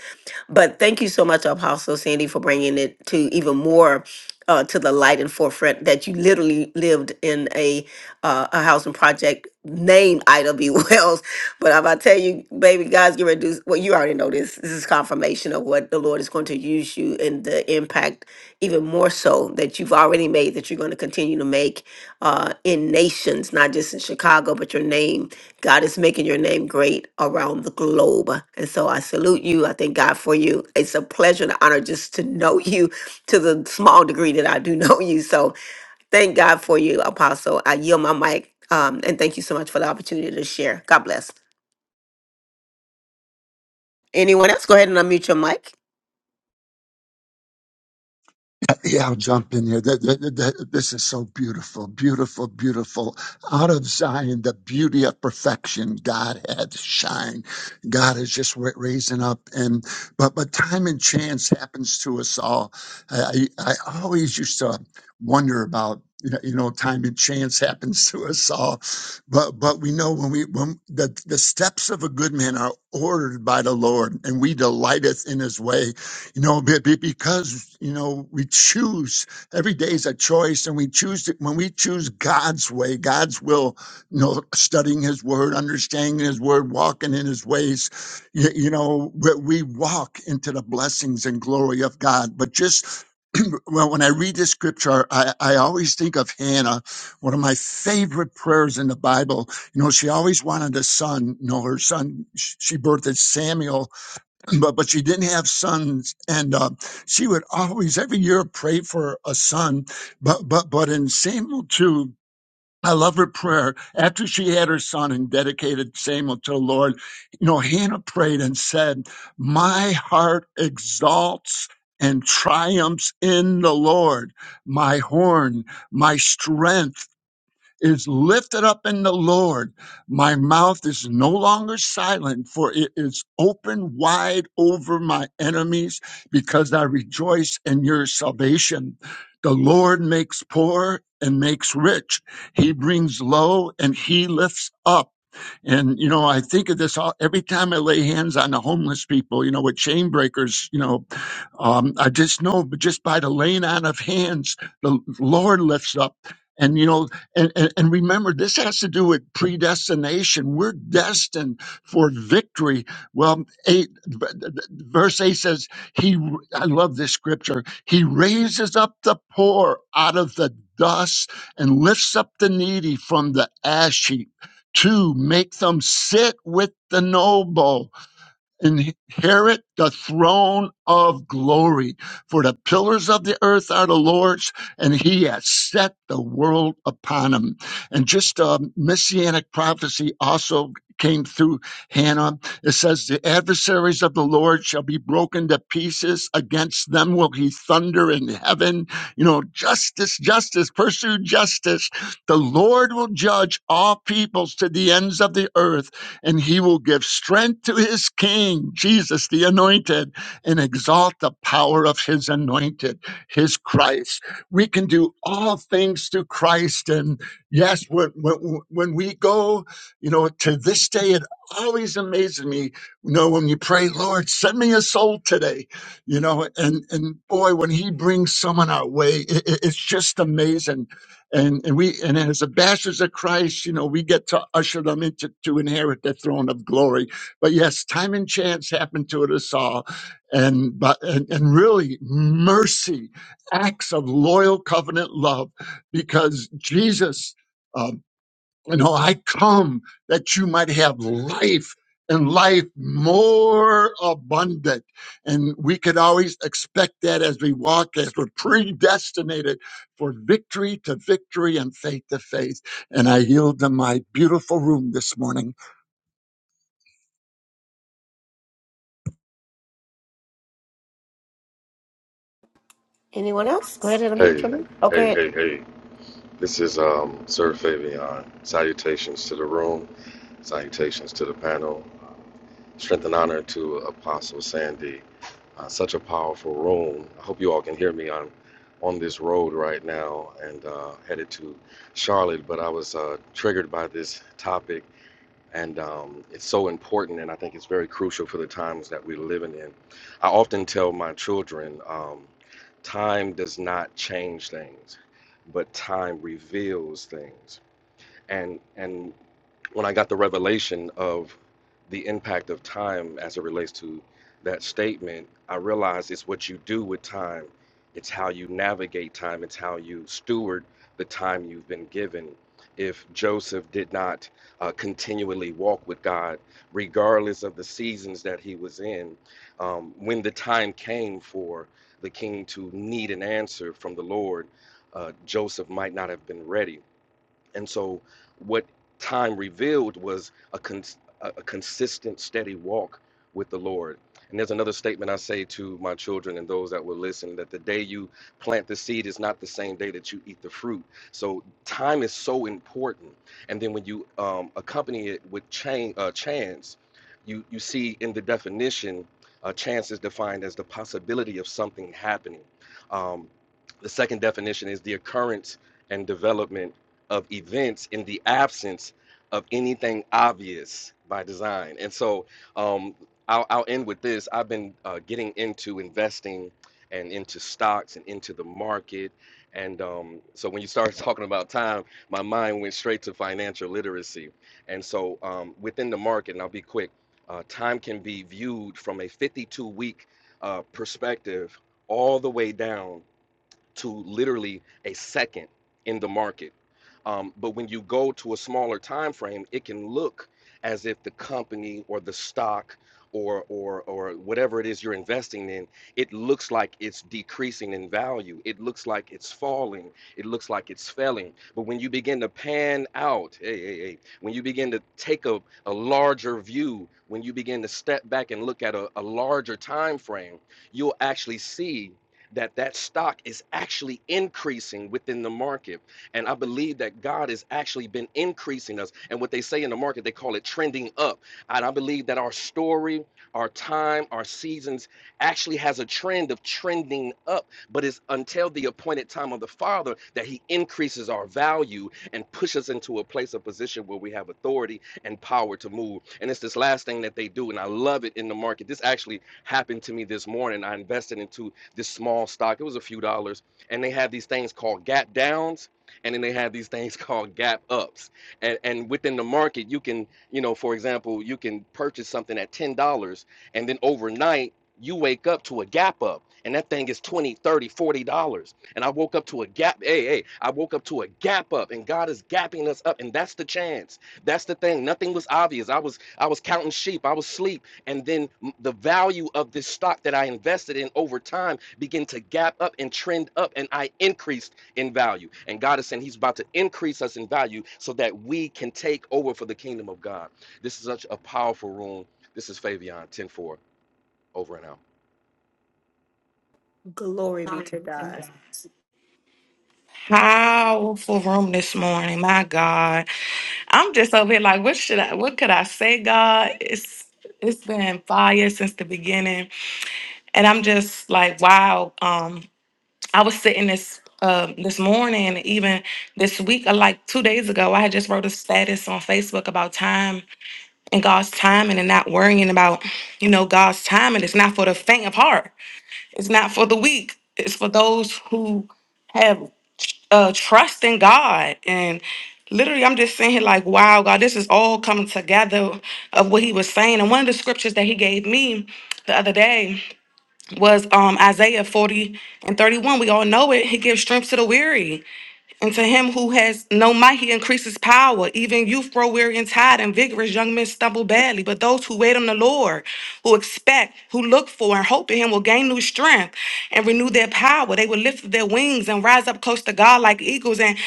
but thank you so much, Apostle Sandy, for bringing it to even more uh, to the light and forefront that you literally lived in a uh, a housing project named Ida B. (laughs) Wells. But I'm about to tell you, baby, God's getting ready to do, well, you already know this. This is confirmation of what the Lord is going to use you and the impact even more so that you've already made, that you're going to continue to make uh, in nations, not just in Chicago, but your name God is making your name great around the globe. And so I salute you. I thank God for you. It's a pleasure and an honor just to know (laughs) you to the small degree that I do know (laughs) you. So thank God for you, Apostle. I yield my mic. Um, and thank you so much for the opportunity to share. God bless. Anyone else? Go ahead and unmute your mic. Uh, yeah, I'll jump in here. Th- th- th- th- This is so beautiful, beautiful, beautiful. Out of Zion, the beauty of perfection, God had shine. God is just ra- raising up, and but but time and chance happens to us all. I I I always used to wonder about you know, you know time and chance happens to us all but but we know when we when the, the steps of a good man are ordered by the Lord, and we delighteth in His way, you know, be- be- because you know we choose every day is a choice, and we choose to, when we choose God's way, God's will, you know, studying His Word, understanding His Word, walking in His ways, you, you know, we, we walk into the blessings and glory of God. But just well, when I read this scripture, I, I always think of Hannah, one of my favorite prayers in the Bible. You know, she always wanted a son. You know, her son, sh- she birthed Samuel, (clears throat) but, but she didn't have sons. And uh, she would always, every year, pray for a son. But, but, but in Samuel 2, I love her prayer. After she had her son and dedicated Samuel to the Lord, you know, Hannah prayed and said, My heart exalts and triumphs in the Lord, my horn, my strength is lifted up in the Lord. My mouth is no longer silent, for it is open wide over my enemies, because I rejoice in your salvation. The Lord makes poor and makes rich. He brings low and he lifts up. And, you know, I think of this all, every time I lay hands on the homeless people, you know, with chain breakers, you know, um, I just know, but just by the laying on of hands, the Lord lifts up. And you know, and, and, and remember, this has to do with predestination. We're destined for victory. Well, eight, v- v- verse eight says, "He." I love this scripture. He raises up the poor out of the dust and lifts up the needy from the ash heap to make them sit with the noble inherit the throne of glory. For the pillars of the earth are the Lord's, and He has set the world upon Him. And just a messianic prophecy also came through Hannah. It says, The adversaries of the Lord shall be broken to pieces. Against them will He thunder in heaven. You know, justice, justice, pursue justice. The Lord will judge all peoples to the ends of the earth and he will give strength to his king, Jesus the anointed, and exalt the power of his anointed, his Christ. We can do all things through Christ. And yes, when, when, when we go, you know, to this day, it always amazes me, you know, when you pray, Lord, send me a soul today, you know, and, and boy, when he brings someone our way, it, it- it's just amazing and and we and as ambassadors of Christ, you know, we get to usher them into to inherit the throne of glory. But yes, time and chance happened to us all, and but and, and really mercy, acts of loyal covenant love, because Jesus. um, you know, I come that you might have life and life more abundant. And we could always expect that as we walk, as we're predestinated for victory to victory and faith to faith. And I yield to my beautiful room this morning. Anyone else? Go ahead and unmute your mic. Okay. Glory be to God. Powerful room this morning. My God. I'm just over here like, what should I, what could I say, God? It's it's been fire since the beginning, and I'm just like, wow. Um, I was sitting this um this morning, even this week, or like two days ago, I had just wrote a status on Facebook about time and God's timing, and not worrying about, you know, God's timing. It's not for the faint of heart. It's not for the weak. It's for those who have uh, trust in God Literally, I'm just saying, like, wow, God, this is all coming together of what he was saying. And one of the scriptures that he gave me the other day was um, Isaiah 40 and 31. We all know it. He gives strength to the weary, and to him who has no might, he increases power. Even youth grow weary and tired, and vigorous young men stumble badly. But those who wait on the Lord, who expect, who look for, and hope in him will gain new strength and renew their power. They will lift their wings and rise up close to God like eagles. And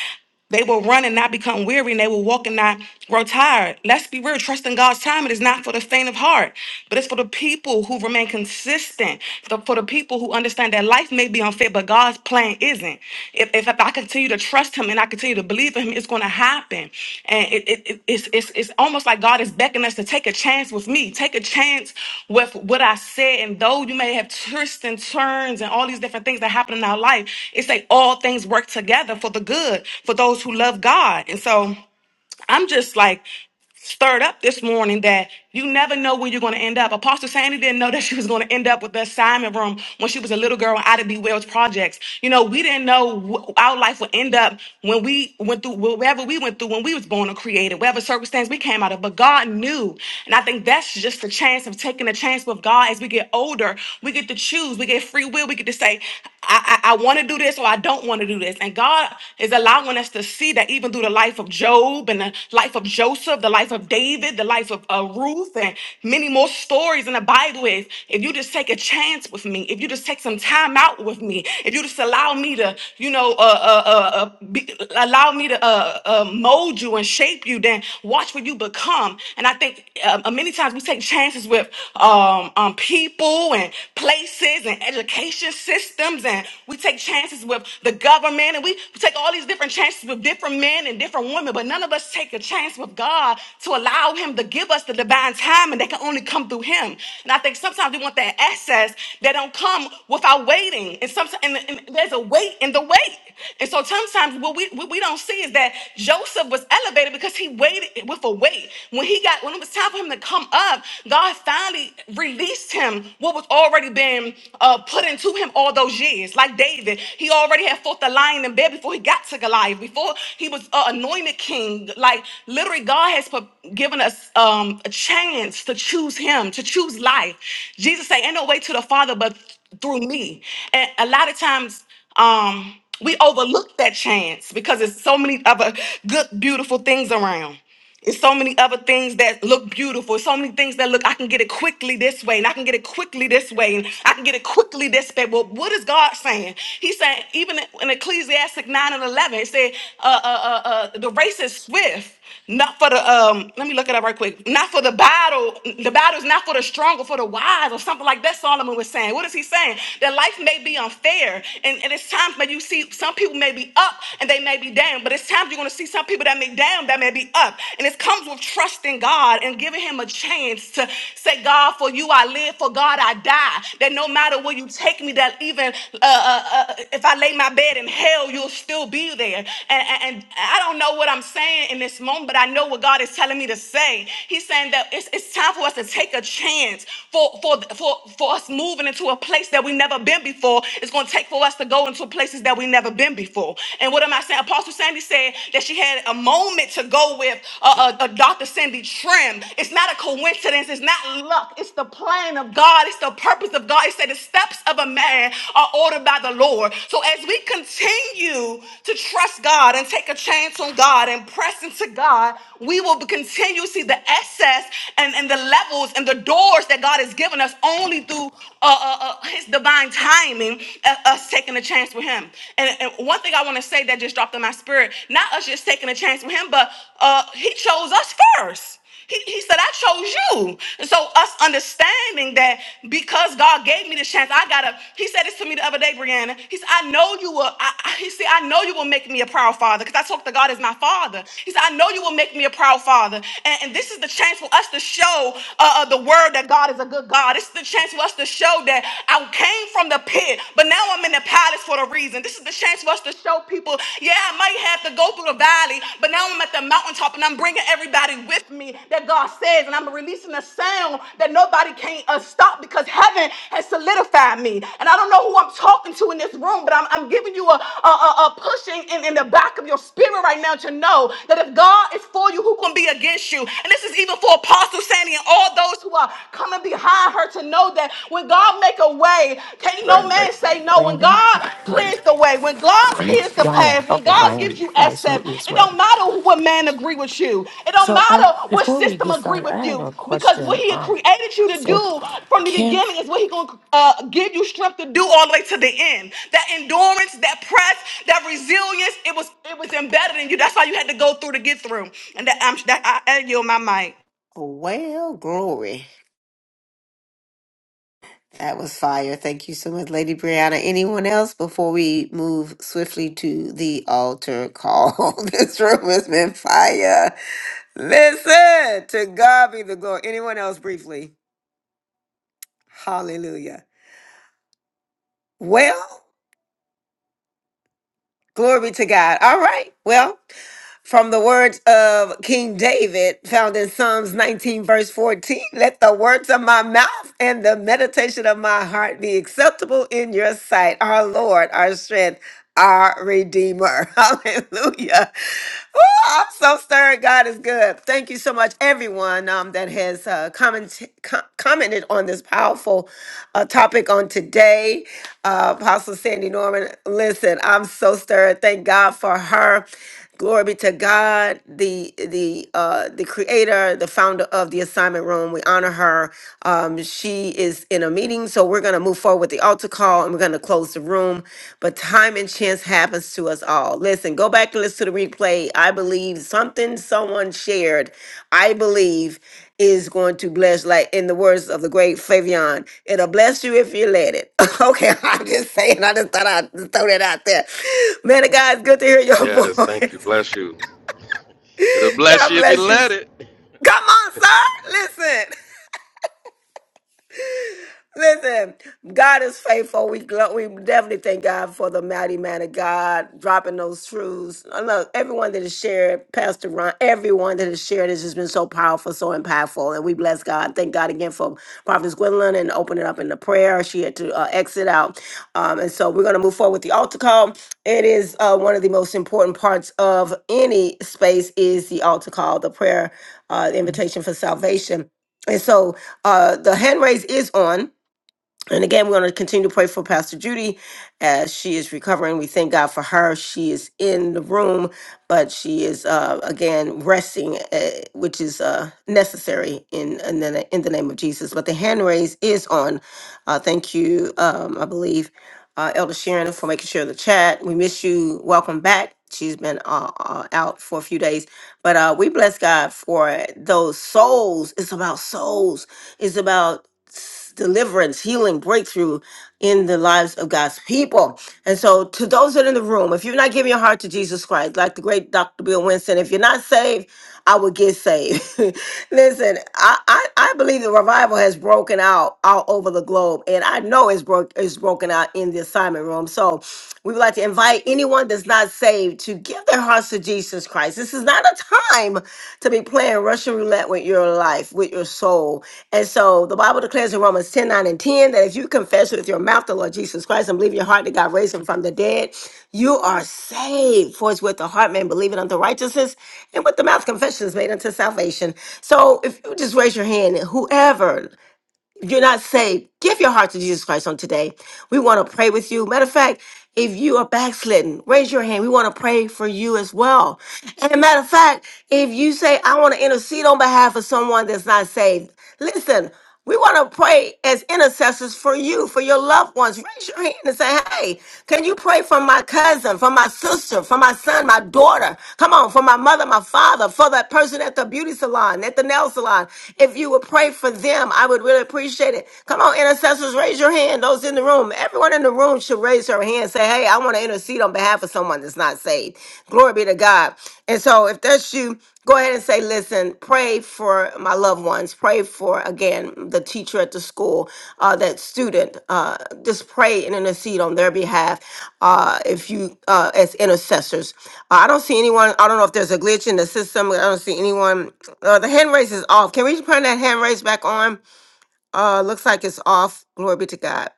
they will run and not become weary, and they will walk and not grow tired. Let's be real. Trust in God's time. It is not for the faint of heart, but it's for the people who remain consistent, the- for the people who understand that life may be unfair, but God's plan isn't. If, if if I continue to trust Him and I continue to believe in Him, it's it's going to happen. And it, it, it- it's, it's, it's almost like God is beckoning us to take a chance with me, take a chance with what I said. And though you may have twists and turns and all these different things that happen in our life, it's like all things work together for the good for those who love God. And so, I'm just like stirred up this morning that you never know where you're going to end up. Apostle Sandy didn't know that she was going to end up with the assignment room when she was a little girl in Ida B. Wells projects. You know, we didn't know wh- our life would end up when we went through wherever we went through when we was born or created, whatever circumstance we came out of. But God knew, and I think that's just the chance of taking a chance with God as we get older. We get to choose. We get free will. We get to say, I, I, I want to do this or I don't want to do this. And God is allowing us to see that even even through the life of Job and the life of Joseph, the life of David, the life of uh, Ruth, and many more stories in the Bible is if you just take a chance with me, if you just take some time out with me, if you just allow me to, you know, uh, uh, uh, uh, be, allow me to uh, uh, mold you and shape you, then watch what you become. And I think um, uh, many times we take chances with um, um, people and places and education systems, and we take chances with the government, and we take all these different chances with different men and different women, but none of us take a chance with God to allow Him to give us the divine time, and that can only come through Him. And I think sometimes we want that access that don't come without waiting, and sometimes and, and there's a wait in the wait. And so sometimes what we what we don't see is that Joseph was elevated because he waited with a wait. When he got when it was time for him to come up, God finally released him what was already been uh, put into him all those years. Like David, he already had fought the lion in bed before he got to Goliath, before he was uh, anointed king. Like literally, God has put, given us um, a chance to choose him, to choose life. Jesus said, Ain't no way to the Father but through me. And a lot of times, um, we overlook that chance because there's so many other good, beautiful things around. It's so many other things that look beautiful. So many things that look, I can get it quickly this way, and I can get it quickly this way, and I can get it quickly this way. Well, what is God saying? He's saying, even in Ecclesiastic 9 and 11, it said, uh, uh, uh, uh, the race is swift, not for the, um, let me look it up right quick, not for the battle. The battle is not for the strong or for the wise, or something like that, Solomon was saying. What is he saying? That life may be unfair, and, and it's times when you see some people may be up and they may be down, but it's time lives, you're going to see some people that may down, that may be up. And it comes with trusting God and giving Him a chance to say, God, for you I live, for God I die. That no matter where you take me, that even uh, uh, uh, if I lay my bed in hell, you'll still be there. And, and, and I don't know what I'm saying in this moment, but I know what God is telling me to say. He's saying that it's, it's time for us to take a chance for, for, for, for us moving into a place that we've never been before. It's going to take for us to go into places that we've never been before. And what am I saying? Apostle Sandy said that she had a moment to go with uh, uh, uh, Dr. Cindy Trim. It's not a coincidence. It's not luck. It's the plan of God. It's the purpose of God. It said the steps of a man are ordered by the Lord. So as we continue to trust God and take a chance on God and press into God, we will continue to see the access and, and the levels and the doors that God has given us only through uh, uh, uh, His divine timing uh, us taking a chance with him. And, and one thing I want to say that just dropped in my spirit, not us just taking a chance with him, but uh, he chose us first. He, he said, I chose you. And so us understanding that because God gave me the chance, I gotta, he said this to me the other day, Brianna. He said, I know you will, I, I- he said, I know you will make me a proud father because I talk to God as my father. He said, I know you will make me a proud father. And, and this is the chance for us to show uh, uh, the word that God is a good God. This is the chance for us to show show that I came from the pit, but now I'm in the palace for a reason. This is the chance for us to show people, yeah, I might have to go through the valley, but now I'm at the mountaintop and I'm bringing everybody with me that God says, and I'm releasing a sound that nobody can uh, stop because heaven has solidified me. And I don't know who I'm talking to in this room, but I'm, I'm giving you a, a, a- a pushing in, in the back of your spirit right now to know that if God is for you, who can be against you? And this is even for Apostle Sandy and all those who are coming behind her to know that when God make a way, can't no Brandon. man say no. When Brandon. to God clears Brandon? the way, when God Ryan, clears the path, when Okay, nice to God Ryan. meet gives you. you access, it don't matter who- what man agree with you. It don't So I matter what before we system get agree started, with I have you a because what question. he had Um created you to so do from the Kim. beginning is what he going to uh, give you strength to do all the way to the end. That endurance, that press, that resilience, it was it was embedded in you. That's why you had to go through to get through. And that I'm that I, I yield my mic. Well, glory. That was fire. Thank you so much, Lady Brianna. Anyone else before we move swiftly to the altar call? (laughs) this room has been fire. Listen, to God be the glory. Anyone else briefly? Hallelujah. Well, Glory to God. All right. Well, from the words of King David, found in Psalms 19, verse 14, let the words of my mouth and the meditation of my heart be acceptable in your sight, our Lord, our strength, our Redeemer. (laughs) Hallelujah. Ooh, I'm so stirred. God is good. Thank you so much, everyone um, that has uh, comment, com- commented on this powerful uh, topic on today uh, Apostle Sandy Norman. Listen, I'm so stirred. Thank God for her. Glory be to God, the the uh, the creator, the founder of the assignment room. We honor her. Um, she is in a meeting, so we're gonna move forward with the altar call and we're gonna close the room. But time and chance happens to us all. Listen, go back and listen to the replay. I believe something someone shared. I believe is going to bless, like in the words of the great Fabian, it'll bless you if you let it. (laughs) okay, I'm just saying, I just thought I'd just throw that out there. Man of God, it's good to hear your (laughs) Yes, thank you. voice. Bless you. It'll bless God you if you bless you. let it. Come on, sir. Listen. Listen, God is faithful. We glo- we definitely thank God for the mighty man of God dropping those truths. I love everyone that has shared, Pastor Ron, everyone that has shared has just been so powerful, so impactful, and we bless God. Thank God again for Prophet Gwendolyn and opening up in the prayer. She had to uh, exit out, um, and so we're gonna move forward with the altar call. It is uh, one of the most important parts of any space is the altar call, the prayer, uh, the invitation for salvation, and so uh, the hand raise is on. And again, we're going to continue to pray for Pastor Judy as she is recovering. We thank God for her. She is in the room, but she is uh, again resting, uh, which is uh, necessary in in the, in the name of Jesus. But the hand raise is on. Uh, thank you, um, I believe, uh, Elder Sharon, for making sure the chat. We miss you. Welcome back. She's been uh, uh, out for a few days, but uh, we bless God for those souls. It's about souls. It's about deliverance, healing, breakthrough in the lives of God's people. And so, to those that are in the room, if you're not giving your heart to Jesus Christ, like the great Dr. Bill Winston, if you're not saved, I would get saved. (laughs) Listen, I, I, I believe the revival has broken out all over the globe, and I know it's broke it's broken out in the assignment room. So, we would like to invite anyone that's not saved to give their hearts to Jesus Christ. This is not a time to be playing Russian roulette with your life, with your soul. And so the Bible declares in Romans 10 9 and 10 that if you confess with your mouth the Lord Jesus Christ and believe in your heart that God raised him from the dead, you are saved. For it's with the heart man believing unto righteousness, and with the mouth confession is made unto salvation. So if you just raise your hand, whoever, if you're not saved, give your heart to Jesus Christ on today. We want to pray with you. Matter of fact, if you are backslidden, raise your hand. We want to pray for you as well. And matter of fact, if you say, I want to intercede on behalf of someone that's not saved, listen, we want to pray as intercessors for you, for your loved ones. Raise your hand and say, Hey, can you pray for my cousin, for my sister, for my son, my daughter? Come on, for my mother, my father, for that person at the beauty salon, at the nail salon. If you would pray for them, I would really appreciate it. Come on, intercessors, raise your hand. Those in the room, everyone in the room should raise her hand. Say, hey, I want to intercede on behalf of someone that's not saved. Glory be to God. And so, if that's you, go ahead and say, listen, pray for my loved ones. Pray for again the teacher at the school, uh, that student. Uh, just pray and intercede on their behalf. Uh, if you, uh, as intercessors, Uh, I don't see anyone. I don't know if there's a glitch in the system. I don't see anyone. Uh, the hand raise is off. Can we turn that hand raise back on? Uh, looks like it's off. Glory be to God.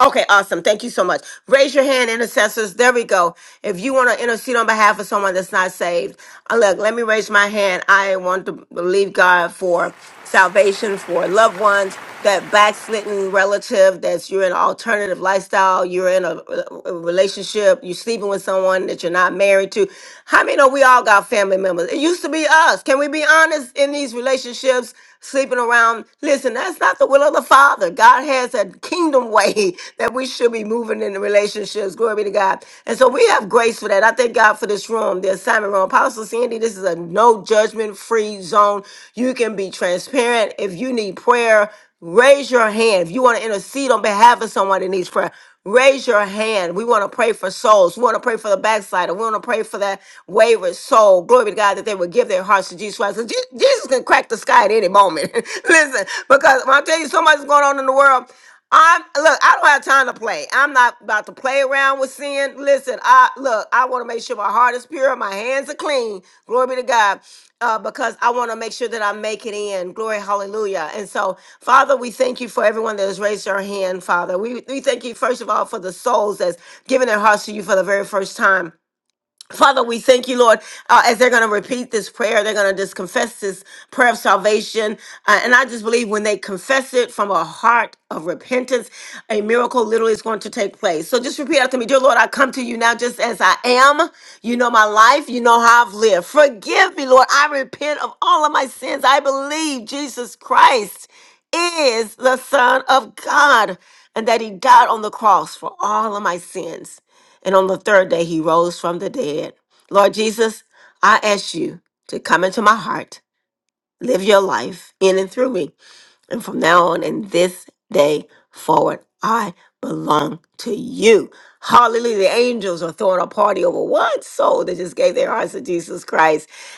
Okay, awesome. Thank you so much. Raise your hand, intercessors. There we go. If you want to intercede on behalf of someone that's not saved, uh, look, let me raise my hand. I want to believe God for salvation for loved ones that backslidden relative that's you're in an alternative lifestyle, you're in a, a relationship, you're sleeping with someone that you're not married to. How many know we all got family members? It used to be us. Can we be honest in these relationships, sleeping around? Listen, that's not the will of the Father. God has a kingdom way (laughs) that we should be moving in the relationships. Glory be to God. And so we have grace for that. I thank God for this room, the assignment room. Apostle Sandy, this is a no judgment free zone. You can be transparent. If you need prayer, Raise your hand. If you want to intercede on behalf of someone that needs prayer, raise your hand. We want to pray for souls. We want to pray for the backslider. We want to pray for that wayward soul. Glory be to God that they would give their hearts to Jesus Christ. 'Cause Je- Jesus can crack the sky at any moment. (laughs) Listen, because when I tell you so much is going on in the world, I'm look, I don't have time to play. I'm not about to play around with sin. Listen, I look, I want to make sure my heart is pure, my hands are clean. Glory be to God uh, because I want to make sure that I make it in. Glory, hallelujah. And so, Father, we thank you for everyone that has raised their hand, Father. We, we thank you, first of all, for the souls that's given their hearts to you for the very first time. Father, we thank you, Lord, uh, as they're going to repeat this prayer, they're going to just confess this prayer of salvation. Uh, and I just believe when they confess it from a heart of repentance, a miracle literally is going to take place. So just repeat after me Dear Lord, I come to you now just as I am. You know my life, you know how I've lived. Forgive me, Lord. I repent of all of my sins. I believe Jesus Christ is the Son of God and that He died on the cross for all of my sins and on the third day he rose from the dead. Lord Jesus, I ask you to come into my heart, live your life in and through me. And from now on and this day forward, I belong to you. Hallelujah. The angels are throwing a party over one soul that just gave their hearts to Jesus Christ.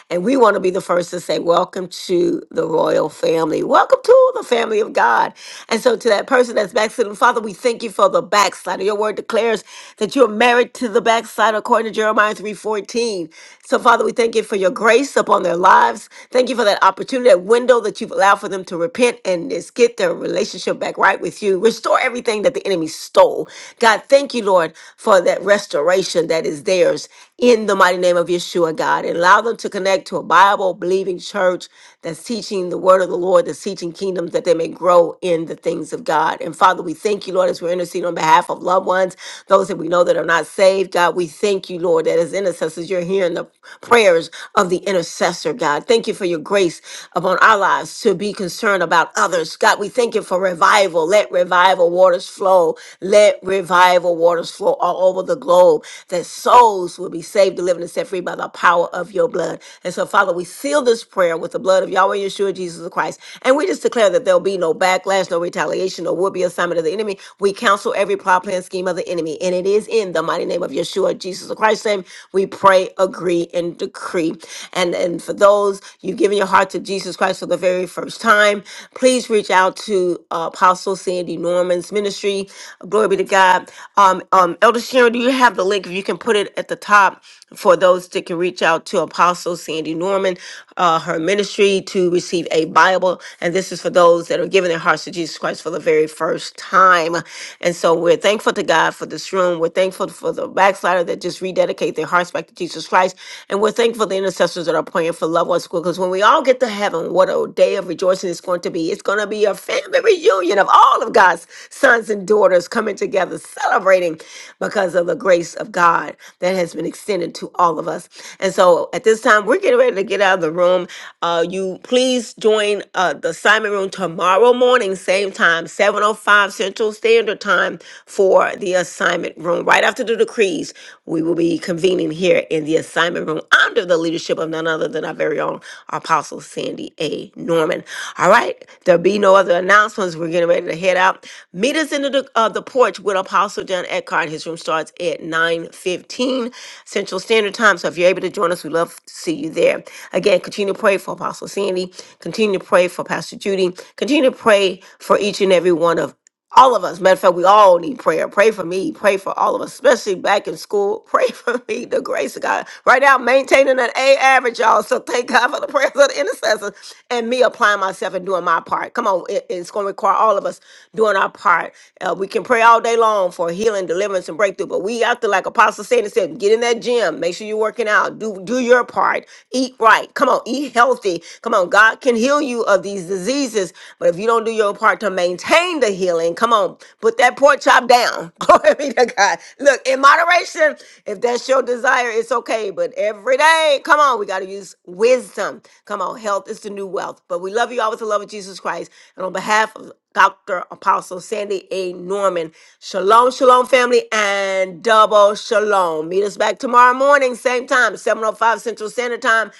And we want to be the first to say, Welcome to the royal family. Welcome to the family of God. And so, to that person that's backslidden, Father, we thank you for the backslider. Your word declares that you're married to the backslider, according to Jeremiah 3:14. So, Father, we thank you for your grace upon their lives. Thank you for that opportunity, that window that you've allowed for them to repent and just get their relationship back right with you. Restore everything that the enemy stole. God, thank you, Lord, for that restoration that is theirs in the mighty name of Yeshua, God. And allow them to connect connect to a Bible believing church that's teaching the word of the Lord, that's teaching kingdoms that they may grow in the things of God. And Father, we thank you, Lord, as we're interceding on behalf of loved ones, those that we know that are not saved. God, we thank you, Lord, that as intercessors, you're hearing the prayers of the intercessor, God. Thank you for your grace upon our lives to be concerned about others. God, we thank you for revival. Let revival waters flow. Let revival waters flow all over the globe, that souls will be saved, delivered, and set free by the power of your blood. And so, Father, we seal this prayer with the blood of Yahweh Yeshua Jesus Christ. And we just declare that there'll be no backlash, no retaliation, no will be assignment of the enemy. We counsel every plot, plan, scheme of the enemy. And it is in the mighty name of Yeshua Jesus Christ's name. We pray, agree, and decree. And and for those you've given your heart to Jesus Christ for the very first time, please reach out to uh, Apostle Sandy Norman's ministry. Glory be to God. Um, um, Elder Sharon, do you have the link? If you can put it at the top for those that can reach out to Apostle Sandy Norman, uh, her ministry to receive a Bible. And this is for those that are giving their hearts to Jesus Christ for the very first time. And so we're thankful to God for this room. We're thankful for the backslider that just rededicate their hearts back to Jesus Christ. And we're thankful for the intercessors that are praying for loved ones. Because when we all get to heaven, what a day of rejoicing it's going to be. It's going to be a family reunion reunion of all of God's sons and daughters coming together, celebrating because of the grace of God that has been extended to all of us. And so at this time, we're getting ready to get out of the room. Uh, you please join uh, the Simon Room tomorrow morning, same time, 7.05 Central Standard Time for the assignment room. Right after the decrees, we will be convening here in the assignment room under the leadership of none other than our very own Apostle Sandy A. Norman. All right. There'll be no other announcements. We're getting ready to head out. Meet us in the uh, the porch with Apostle John Eckhart. His room starts at 9:15 Central Standard Time. So if you're able to join us, we'd love to see you there. Again, continue to pray for Apostle Sandy. Continue to pray for Pastor Judy. Continue to pray for each and every one of all of us. Matter of fact, we all need prayer. Pray for me. Pray for all of us, especially back in school. Pray (laughs) for me. The grace of God. Right now, I'm maintaining an A average, y'all. So thank God for the prayers of the intercessors and me applying myself and doing my part. Come on, it- it's going to require all of us doing our part. Uh, we can pray all day long for healing, deliverance, and breakthrough, but we have to, like Apostle Satan said, get in that gym. Make sure you're working out. Do do your part. Eat right. Come on, eat healthy. Come on, God can heal you of these diseases, but if you don't do your part to maintain the healing, come on, put that pork chop down. (laughs) Glory be to God. Look, in moderation, if that's your desire, it's okay. But every day, come on, we got to use wisdom. Come on, health is the new wealth. But we love you all with the love of Jesus Christ. And on behalf of Dr. Apostle Sandy A. Norman. Shalom, shalom, family, and double shalom. Meet us back tomorrow morning, same time, 7.05 Central Standard Time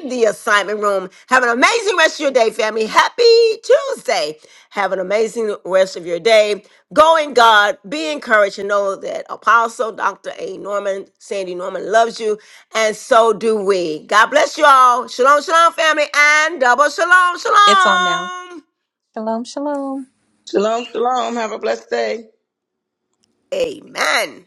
in the assignment room. Have an amazing rest of your day, family. Happy Tuesday. Have an amazing rest of your day. Go in God, be encouraged, and know that Apostle Dr. A. Norman, Sandy Norman loves you, and so do we. God bless you all. Shalom, shalom, family, and double shalom, It's on now. shalom. Shalom, shalom. Shalom, shalom. Have a blessed day. Amen.